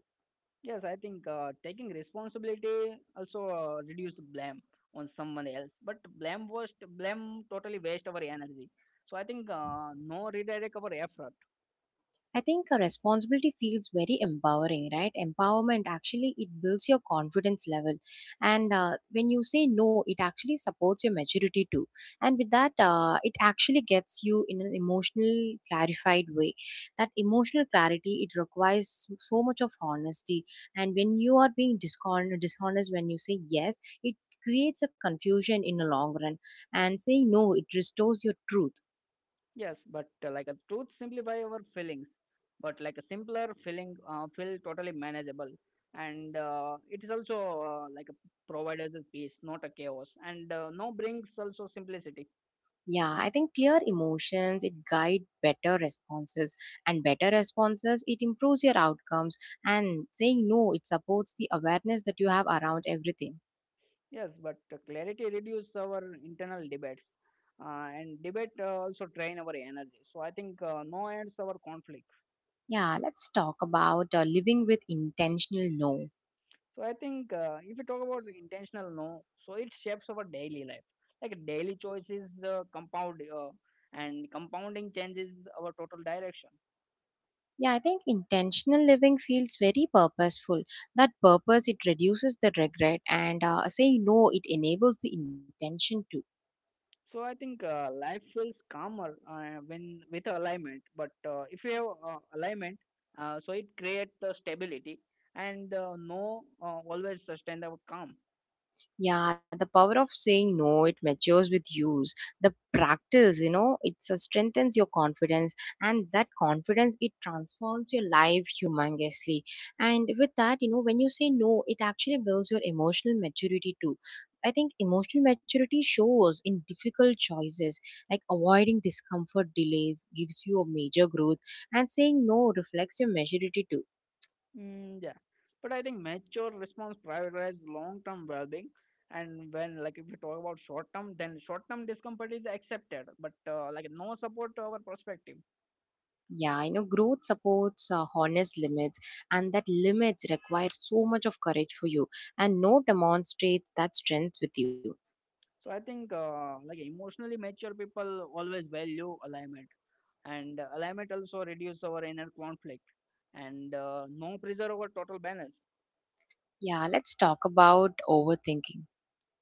Speaker 2: Yes, I think taking responsibility also reduce blame on someone else. But blame totally waste our energy. So I think no redirect our effort.
Speaker 1: I think a responsibility feels very empowering, right? Empowerment actually, it builds your confidence level, and when you say no, it actually supports your maturity too. And with that, it actually gets you in an emotional clarified way. That emotional clarity, it requires so much of honesty, and when you are being dishonest when you say yes, it creates a confusion in the long run, and saying no, it restores your truth.
Speaker 2: Yes, but like a truth simplify our feelings. But like a simpler feeling feel totally manageable, and it is also like a provides a peace, not a chaos, and no brings also simplicity.
Speaker 1: Yeah, I think clear emotions, it guide better responses, and better responses, it improves your outcomes, and saying no, it supports the awareness that you have around everything.
Speaker 2: Yes, but clarity reduces our internal debates, and debate also drain our energy. So I think no ends our conflict.
Speaker 1: Yeah, let's talk about living with intentional no.
Speaker 2: So I think if we talk about intentional no, so it shapes our daily life. Like daily choices compound, and compounding changes our total direction.
Speaker 1: Yeah, I think intentional living feels very purposeful. That purpose, it reduces the regret, and saying no, it enables the intention too.
Speaker 2: So I think life feels calmer when with alignment. But if we have alignment, so it creates the stability, and no always sustain our calm.
Speaker 1: Yeah, the power of saying no, it matures with use. The practice, you know, it strengthens your confidence, and that confidence, it transforms your life humongously. And with that, you know, when you say no, it actually builds your emotional maturity too. I think emotional maturity shows in difficult choices, like avoiding discomfort delays gives you a major growth, and saying no reflects your maturity too.
Speaker 2: Yeah, but I think mature response prioritizes long-term well-being, and when like if you talk about short-term, then short-term discomfort is accepted, but like no support to our perspective.
Speaker 1: Yeah, you know, growth supports honest limits, and that limits require so much of courage for you, and no demonstrates that strength with you.
Speaker 2: So I think like emotionally mature people always value alignment, and alignment also reduces our inner conflict, and no pressure over total balance.
Speaker 1: Yeah, let's talk about overthinking.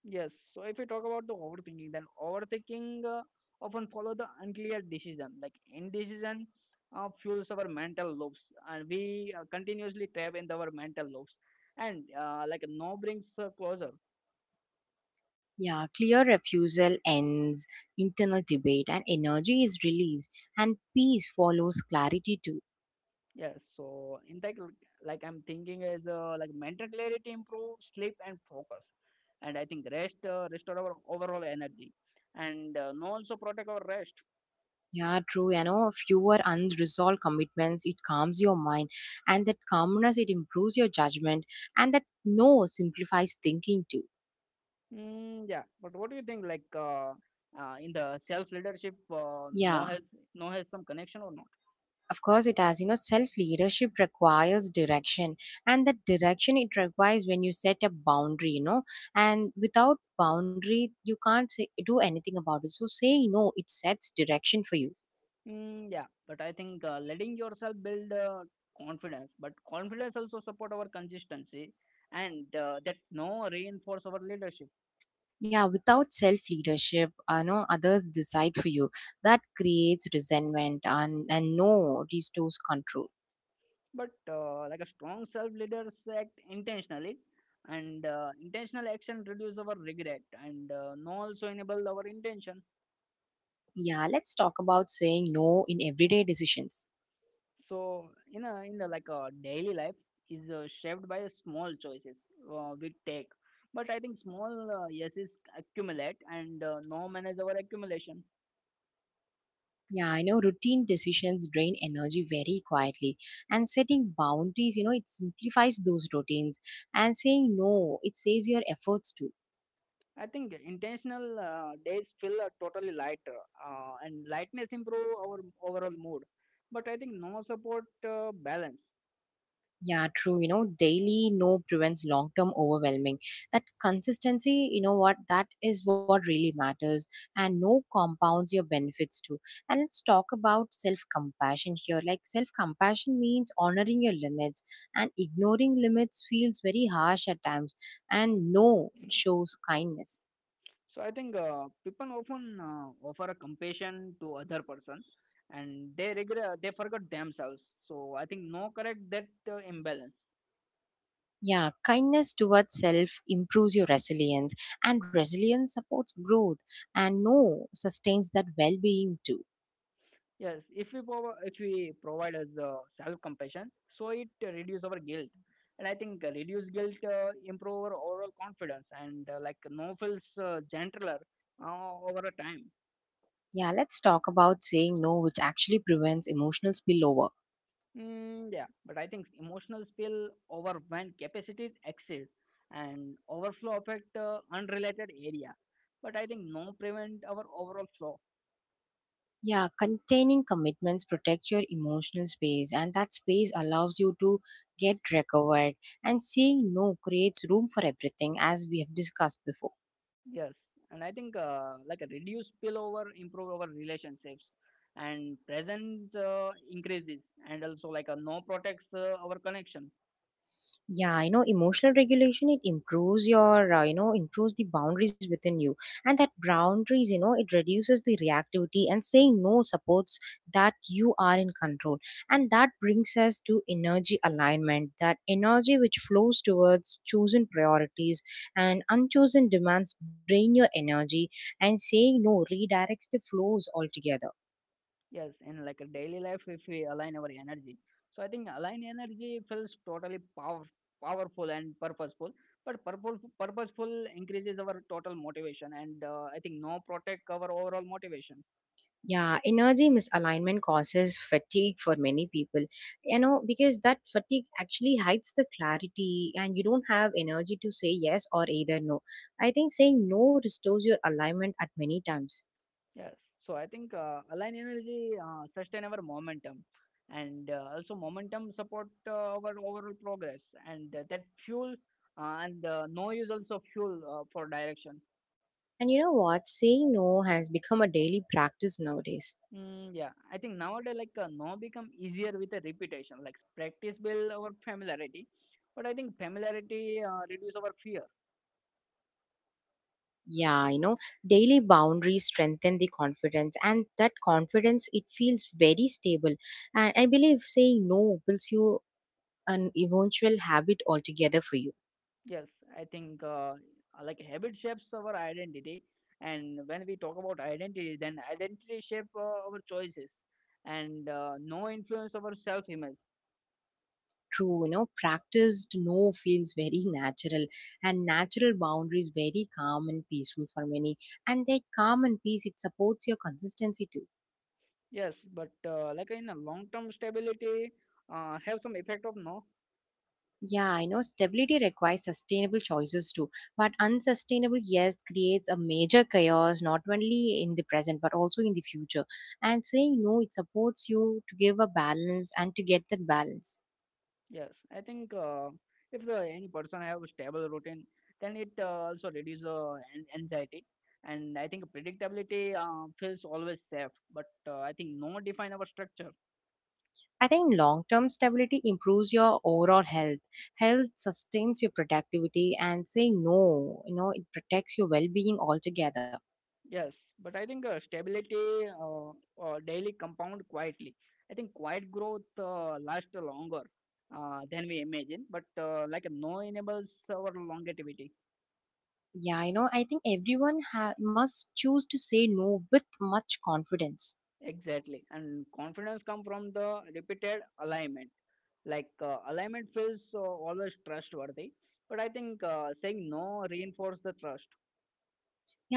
Speaker 2: Yes. So if we talk about the overthinking, then overthinking often follow the unclear decision. Like indecision fuels our mental loops, and we continuously trap in our mental loops. And like no brings closure.
Speaker 1: Yeah, clear refusal ends internal debate, and energy is released, and peace follows clarity too.
Speaker 2: Yes. So in that, like I'm thinking is like mental clarity improve sleep and focus, and I think rest restore our overall energy, and no also protect our rest.
Speaker 1: Yeah, true. You know, fewer unresolved commitments, it calms your mind, and that calmness, it improves your judgment, and that no simplifies thinking too.
Speaker 2: Yeah, but what do you think? In the self leadership, no
Speaker 1: Yeah.
Speaker 2: has no has some connection or not?
Speaker 1: Of course, it has. You know, self leadership requires direction, and that direction, it requires when you set a boundary. You know, and without boundary, you can't say, do anything about it. So saying no, it sets direction for you.
Speaker 2: Yeah, but I think letting yourself build confidence, but confidence also support our consistency, and that no reinforce our leadership.
Speaker 1: Yeah, without self leadership, no others decide for you. That creates resentment, and no restores control.
Speaker 2: But like a strong self leaders act intentionally, and intentional action reduce our regret, and no also enable our intention.
Speaker 1: Yeah, let's talk about saying no in everyday decisions.
Speaker 2: So in the like a daily life is shaped by small choices we take. But I think small yeses accumulate, and no man our accumulation.
Speaker 1: Yeah, I know routine decisions drain energy very quietly. And setting boundaries, you know, it simplifies those routines. And saying no, it saves your efforts too.
Speaker 2: I think intentional days feel totally lighter, and lightness improve our overall mood. But I think no support balance.
Speaker 1: Yeah, true. You know, daily no prevents long term overwhelming. That consistency, you know what, that is what really matters. And no compounds your benefits too. And let's talk about self compassion here. Like, self compassion means honoring your limits, and ignoring limits feels very harsh at times. And no shows kindness.
Speaker 2: So I think people often offer a compassion to other person, and they forget themselves. So I think no correct that imbalance.
Speaker 1: Yeah, kindness towards self improves your resilience, and resilience supports growth, and no sustains that well being too.
Speaker 2: Yes, if we provide us self compassion, so it reduce our guilt, and I think reduce guilt improve our overall confidence and like novels gentler over a time.
Speaker 1: Yeah, let's talk about saying no, which actually prevents emotional spillover.
Speaker 2: Yeah, but I think emotional spill over when capacities exceed and overflow affect unrelated area, but I think no prevent our overall flow.
Speaker 1: Yeah, containing commitments protects your emotional space, and that space allows you to get recovered. And saying no creates room for everything, as we have discussed before.
Speaker 2: Yes, and I think like a reduce spillover, improve our relationships, and presence increases, and also like a no protects our connection.
Speaker 1: Yeah, you know, emotional regulation, it improves your improves the boundaries within you. And that boundaries, you know, it reduces the reactivity, and saying no supports that you are in control. And that brings us to energy alignment, that energy which flows towards chosen priorities, and unchosen demands drain your energy, and saying no redirects the flows altogether.
Speaker 2: Yes, in like a daily life, if we align our energy, so I think align energy feels totally powerful and purposeful. But purposeful increases our total motivation, and I think no protect our overall motivation.
Speaker 1: Yeah, energy misalignment causes fatigue for many people. You know, because that fatigue actually hides the clarity, and you don't have energy to say yes or either no. I think saying no restores your alignment at many times.
Speaker 2: Yes. So I think align energy sustain our momentum and also momentum support our overall progress and that fuel and no use also fuel for direction.
Speaker 1: And you know what? Saying no has become a daily practice nowadays.
Speaker 2: Yeah, I think nowadays no become easier with a repetition. Like practice build our familiarity, but I think familiarity reduce our fear.
Speaker 1: Yeah, you know, daily boundaries strengthen the confidence, and that confidence, it feels very stable. And I believe saying no builds you an eventual habit altogether for you.
Speaker 2: Yes, I think like habit shapes our identity, and when we talk about identity, then identity shape our choices, and no influence our self image.
Speaker 1: True. You know, practiced no feels very natural, and natural boundaries very calm and peaceful for many, and that calm and peace, it supports your consistency too.
Speaker 2: Yes, but like in a long term stability, have some effect of no.
Speaker 1: Yeah, I know stability requires sustainable choices too, but unsustainable yes creates a major chaos, not only in the present but also in the future, and saying no, it supports you to give a balance and to get that balance.
Speaker 2: Yes, I think if the any person have a stable routine, then it also reduce anxiety, and I think predictability feels always safe. But I think no define our structure.
Speaker 1: I think long term stability improves your overall health. Health sustains your productivity, and saying no, you know, it protects your well being altogether.
Speaker 2: Yes, but I think stability daily compound quietly. I think quiet growth lasts longer than we imagine, but like no enables our longevity.
Speaker 1: Yeah, you know, I think everyone must choose to say no with much confidence.
Speaker 2: Exactly. And confidence come from the repeated alignment. Alignment feels always trustworthy, but I think saying no reinforce the trust.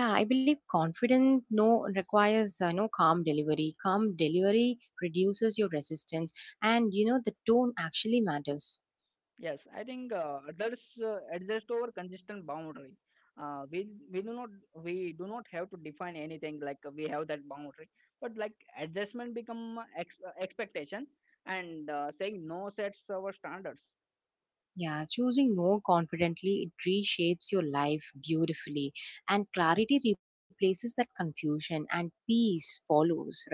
Speaker 1: Yeah, I believe confident no requires no calm delivery. Calm delivery reduces your resistance, and you know the tone actually matters.
Speaker 2: Yes, I think adults adjust over consistent boundary. We do not we do not have to define anything we have that boundary, but like adjustment become expectation and saying no sets our standards.
Speaker 1: Yeah, choosing no confidently, it reshapes your life beautifully, and clarity replaces that confusion, and peace follows, right?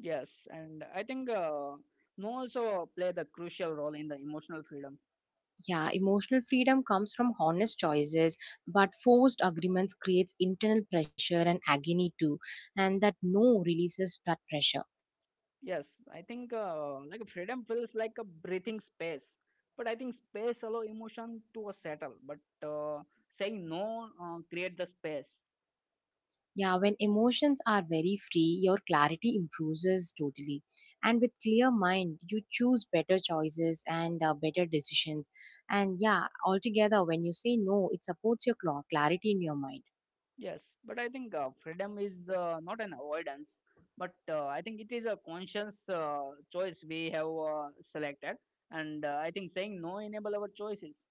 Speaker 2: Yes, and I think no also play the crucial role in the emotional freedom.
Speaker 1: Yeah, emotional freedom comes from honest choices, but forced agreements creates internal pressure and agony too, and that no releases that pressure.
Speaker 2: Yes, I think like freedom feels like a breathing space, but I think space allow emotion to settle. But uh, saying no create the space.
Speaker 1: Yeah, when emotions are very free, your clarity improves totally. And with clear mind, you choose better choices and better decisions. And yeah, altogether, when you say no, it supports your clarity in your mind.
Speaker 2: Yes, but I think freedom is not an avoidance, but I think it is a conscious choice we have selected, and I think saying no enable our choices.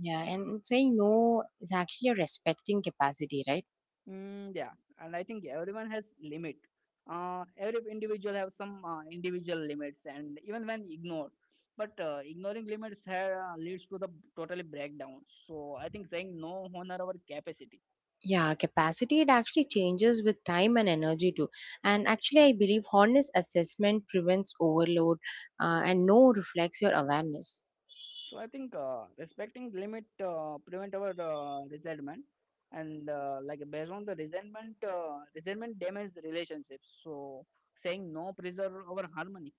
Speaker 1: Yeah, and saying no is actually a respecting capacity, right?
Speaker 2: Yeah, and I think everyone has limit. Every individual have some individual limits, and even when ignored, but ignoring limits leads to the totally breakdown. So I think saying no honor our capacity.
Speaker 1: Yeah, capacity it actually changes with time and energy too. And actually, I believe honest assessment prevents overload, and no reflects your awareness.
Speaker 2: So I think respecting limit prevent our resentment, and like based on the resentment, resentment damages relationships. So saying no preserve our harmony.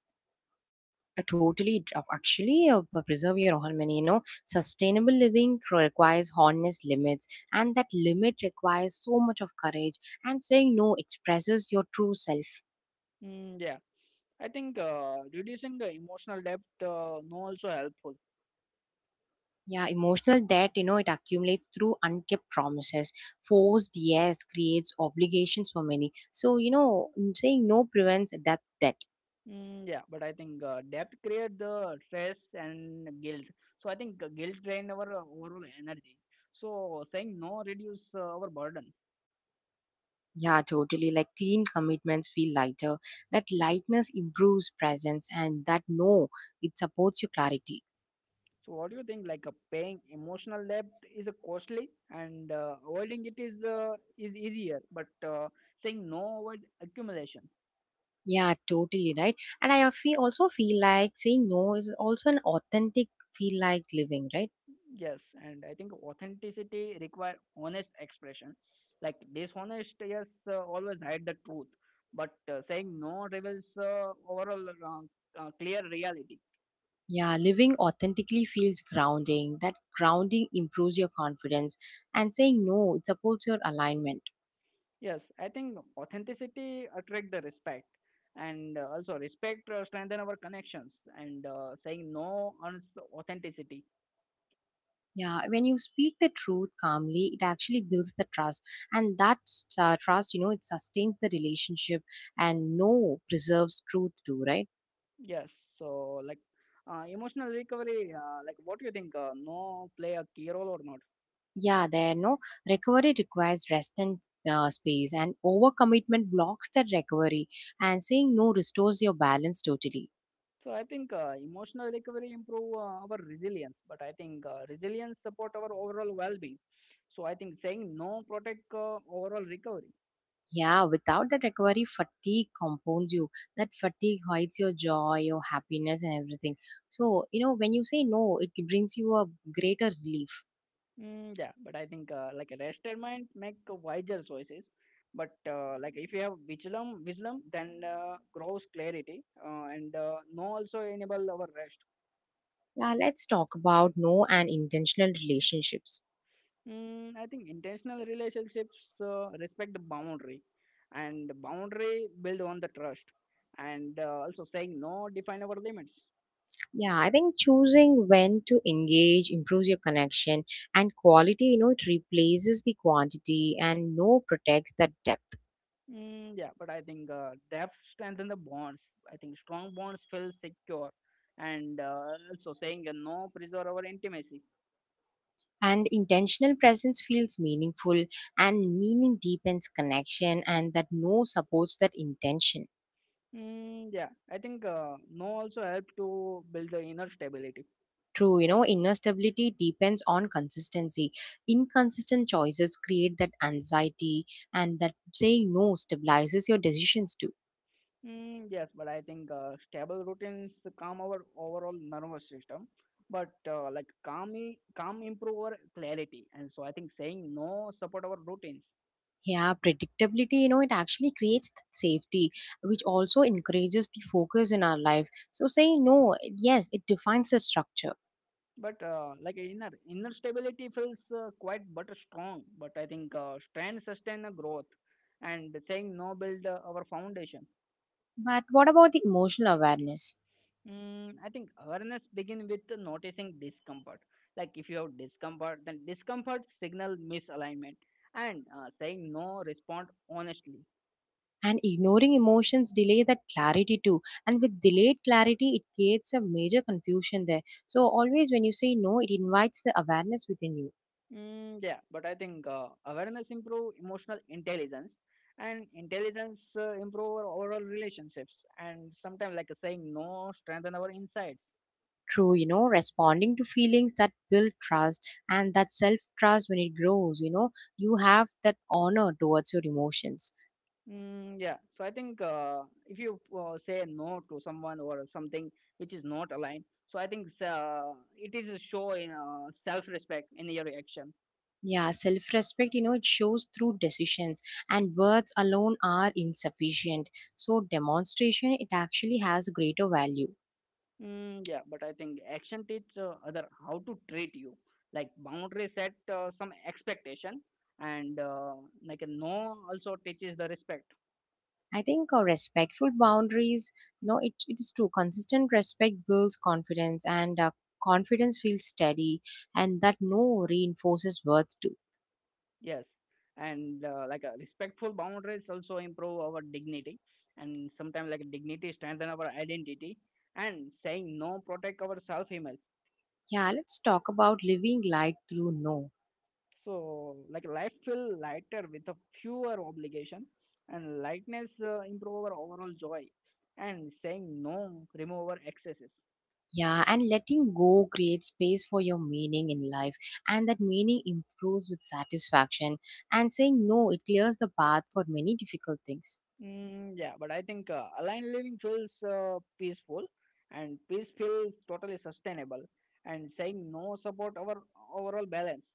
Speaker 1: Totally, preserve your harmony. You know, sustainable living requires honest limits, and that limit requires so much of courage. And saying no expresses your true self.
Speaker 2: Mm, yeah I think reducing the emotional depth no also helpful.
Speaker 1: Yeah, emotional debt, you know, it accumulates through unkept promises. Forced yes creates obligations for many. So, you know, saying no prevents that debt.
Speaker 2: Yeah, but I think depth create the stress and guilt. So I think guilt drain our overall energy. So saying no reduce our burden.
Speaker 1: Yeah, totally. Like clean commitments feel lighter. That lightness improves presence, and that no, it supports your clarity.
Speaker 2: So what do you think? Paying emotional debt is a costly, and avoiding it is easier. But saying no avoid accumulation.
Speaker 1: Yeah, totally right. And I feel also feel like saying no is also an authentic feel like living, right?
Speaker 2: Yes, and I think authenticity require honest expression. Like dishonest, yes, always hide the truth, but saying no reveals overall clear reality.
Speaker 1: Yeah, living authentically feels grounding. That grounding improves your confidence, and saying no it supports your alignment.
Speaker 2: Yes, I think authenticity attract the respect, and also respect strengthen our connections. And saying no earns authenticity.
Speaker 1: Yeah, when you speak the truth calmly, it actually builds the trust, and that trust, you know, it sustains the relationship, and no preserves truth too, right?
Speaker 2: Yes, so like emotional recovery. Like, what do you think? No play a key role or not?
Speaker 1: Yeah, there no recovery requires rest and space, and overcommitment blocks that recovery. And saying no restores your balance totally.
Speaker 2: So I think emotional recovery improve our resilience, but I think resilience support our overall well-being. So I think saying no protect overall recovery.
Speaker 1: Yeah, without that recovery, fatigue compounds you. That fatigue hides your joy, your happiness, and everything. So, you know, when you say no, it brings you a greater relief.
Speaker 2: Yeah, but I think like a rested mind make wiser choices. But like if you have wisdom, wisdom then grows clarity, and no also enable our rest.
Speaker 1: Yeah, let's talk about no and intentional relationships.
Speaker 2: I think intentional relationships respect the boundary, and boundary build on the trust, and also saying no define our limits.
Speaker 1: Yeah, I think choosing when to engage improves your connection and quality, you know, it replaces the quantity and no protects the depth.
Speaker 2: Yeah, but I think depth strengthen the bonds. I think strong bonds feel secure, and also saying a no preserve our intimacy.
Speaker 1: And intentional presence feels meaningful and meaning deepens connection and that no supports that intention.
Speaker 2: Yeah, I think no also help to build the inner stability.
Speaker 1: True, you
Speaker 2: What?
Speaker 1: know, inner stability depends on consistency. Inconsistent choices create that anxiety and that saying no stabilizes your decisions too.
Speaker 2: Yes, but I think stable routines calm our overall nervous system. But like calm improve our clarity, and so I think saying no support our routines.
Speaker 1: Yeah, predictability, you know, it actually creates safety, which also encourages the focus in our life. So, saying no, yes, it defines the structure.
Speaker 2: But like inner stability feels quite but strong. But I think strength sustain a growth, and saying no build our foundation.
Speaker 1: But what about the emotional awareness?
Speaker 2: I think awareness begin with noticing discomfort. Like if you have discomfort, then discomfort signal misalignment, and saying no respond honestly.
Speaker 1: And ignoring emotions delay that clarity too. And with delayed clarity, it creates a major confusion there. So, always when you say no, it invites the awareness within you.
Speaker 2: Yeah, but I think awareness improve emotional intelligence, and intelligence improve our overall relationships. And sometimes like saying no strengthen our insights.
Speaker 1: True, you know, responding to feelings that build trust and that self trust when it grows, you know, you have that honor towards your emotions.
Speaker 2: Yeah. So I think if you say no to someone or something which is not aligned, so I think it is a show in self-respect in your action.
Speaker 1: Yeah, self respect, you know, it shows through decisions, and words alone are insufficient. So, demonstration, it actually has greater value.
Speaker 2: Yeah, but I think action teach other how to treat you. Like boundary set some expectation, and like a no also teaches the respect.
Speaker 1: I think respectful boundaries, you know, it is true. Consistent respect builds confidence, and confidence feels steady, and that no reinforces worth too.
Speaker 2: Yes, and respectful boundaries also improve our dignity, and sometimes like dignity strengthen our identity, and saying no protect our self image.
Speaker 1: Yeah, let's talk about living light through no.
Speaker 2: So like life feel lighter with a fewer obligation, and lightness improve our overall joy, and saying no remove our excesses.
Speaker 1: Yeah, and letting go creates space for your meaning in life, and that meaning improves with satisfaction. And saying no, it clears the path for many difficult things.
Speaker 2: Yeah, but I think aligned living feels peaceful, and peace feels totally sustainable, and saying no support our overall balance.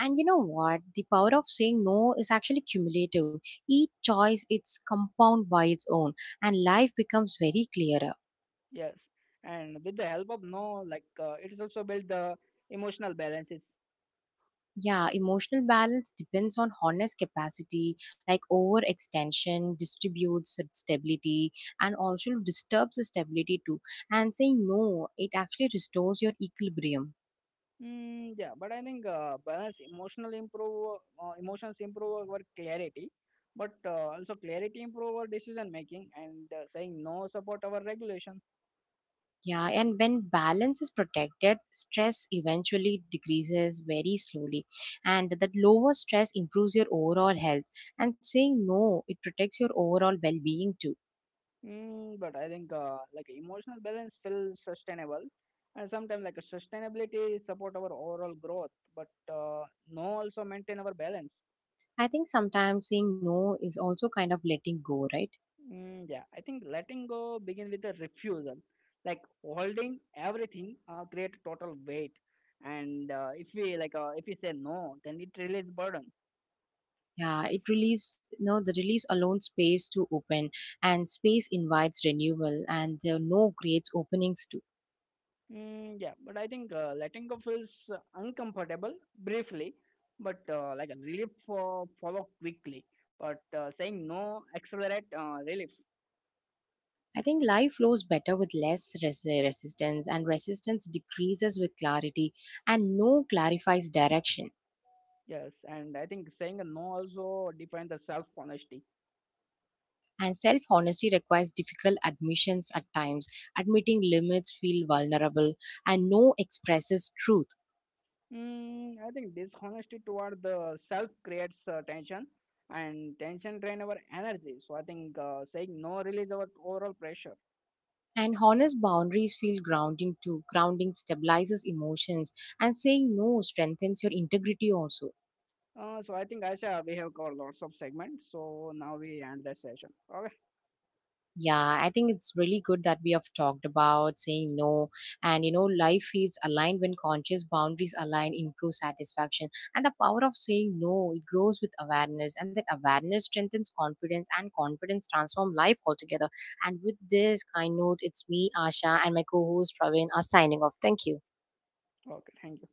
Speaker 1: And you know what? The power of saying no is actually cumulative. Each choice it's compound by its own, and life becomes very clearer.
Speaker 2: Yes, and with the help of no, it is also build the emotional balances.
Speaker 1: Yeah, emotional balance depends on honest capacity, like overextension distributes stability and also disturbs the stability too. And saying no, it actually restores your equilibrium.
Speaker 2: Yeah, but I think balance emotional improve emotions improve our clarity, but also clarity improve our decision making and saying no support our regulation.
Speaker 1: Yeah, and when balance is protected, stress eventually decreases very slowly. And that lower stress improves your overall health. And saying no, it protects your overall well being too.
Speaker 2: But I think like emotional balance feels sustainable, and sometimes like a sustainability support our overall growth, but no also maintain our balance.
Speaker 1: I think sometimes saying no is also kind of letting go, right?
Speaker 2: Yeah, I think letting go begins with a refusal, like holding everything, create total weight, and if we say no, then it releases burden.
Speaker 1: Yeah, it release no the release alone space to open and space invites renewal and the no creates openings too.
Speaker 2: Yeah, but I think letting go feels uncomfortable briefly, but like a relief follow quickly. But saying no accelerate relief.
Speaker 1: I think life flows better with less resistance and resistance decreases with clarity and no clarifies direction.
Speaker 2: Yes, and I think saying a no also defines the self honesty.
Speaker 1: And self honesty requires difficult admissions at times. Admitting limits feel vulnerable and no expresses truth.
Speaker 2: I think dishonesty toward the self creates tension, and tension drain our energy. So I think saying no release our overall pressure.
Speaker 1: And honest boundaries feel grounding too. Grounding stabilizes emotions, and saying no strengthens your integrity also.
Speaker 2: So I think Aisha, we have covered lots of segments. So now we end the session. Okay,
Speaker 1: Yeah, I think it's really good that we have talked about saying no. And you know, life feels aligned when conscious boundaries align, improve satisfaction. And the power of saying no, it grows with awareness. And that awareness strengthens confidence, and confidence transforms life altogether. And with this kind note, it's me, Asha, and my co host, Praveen, are signing off. Thank you.
Speaker 2: okay, thank you.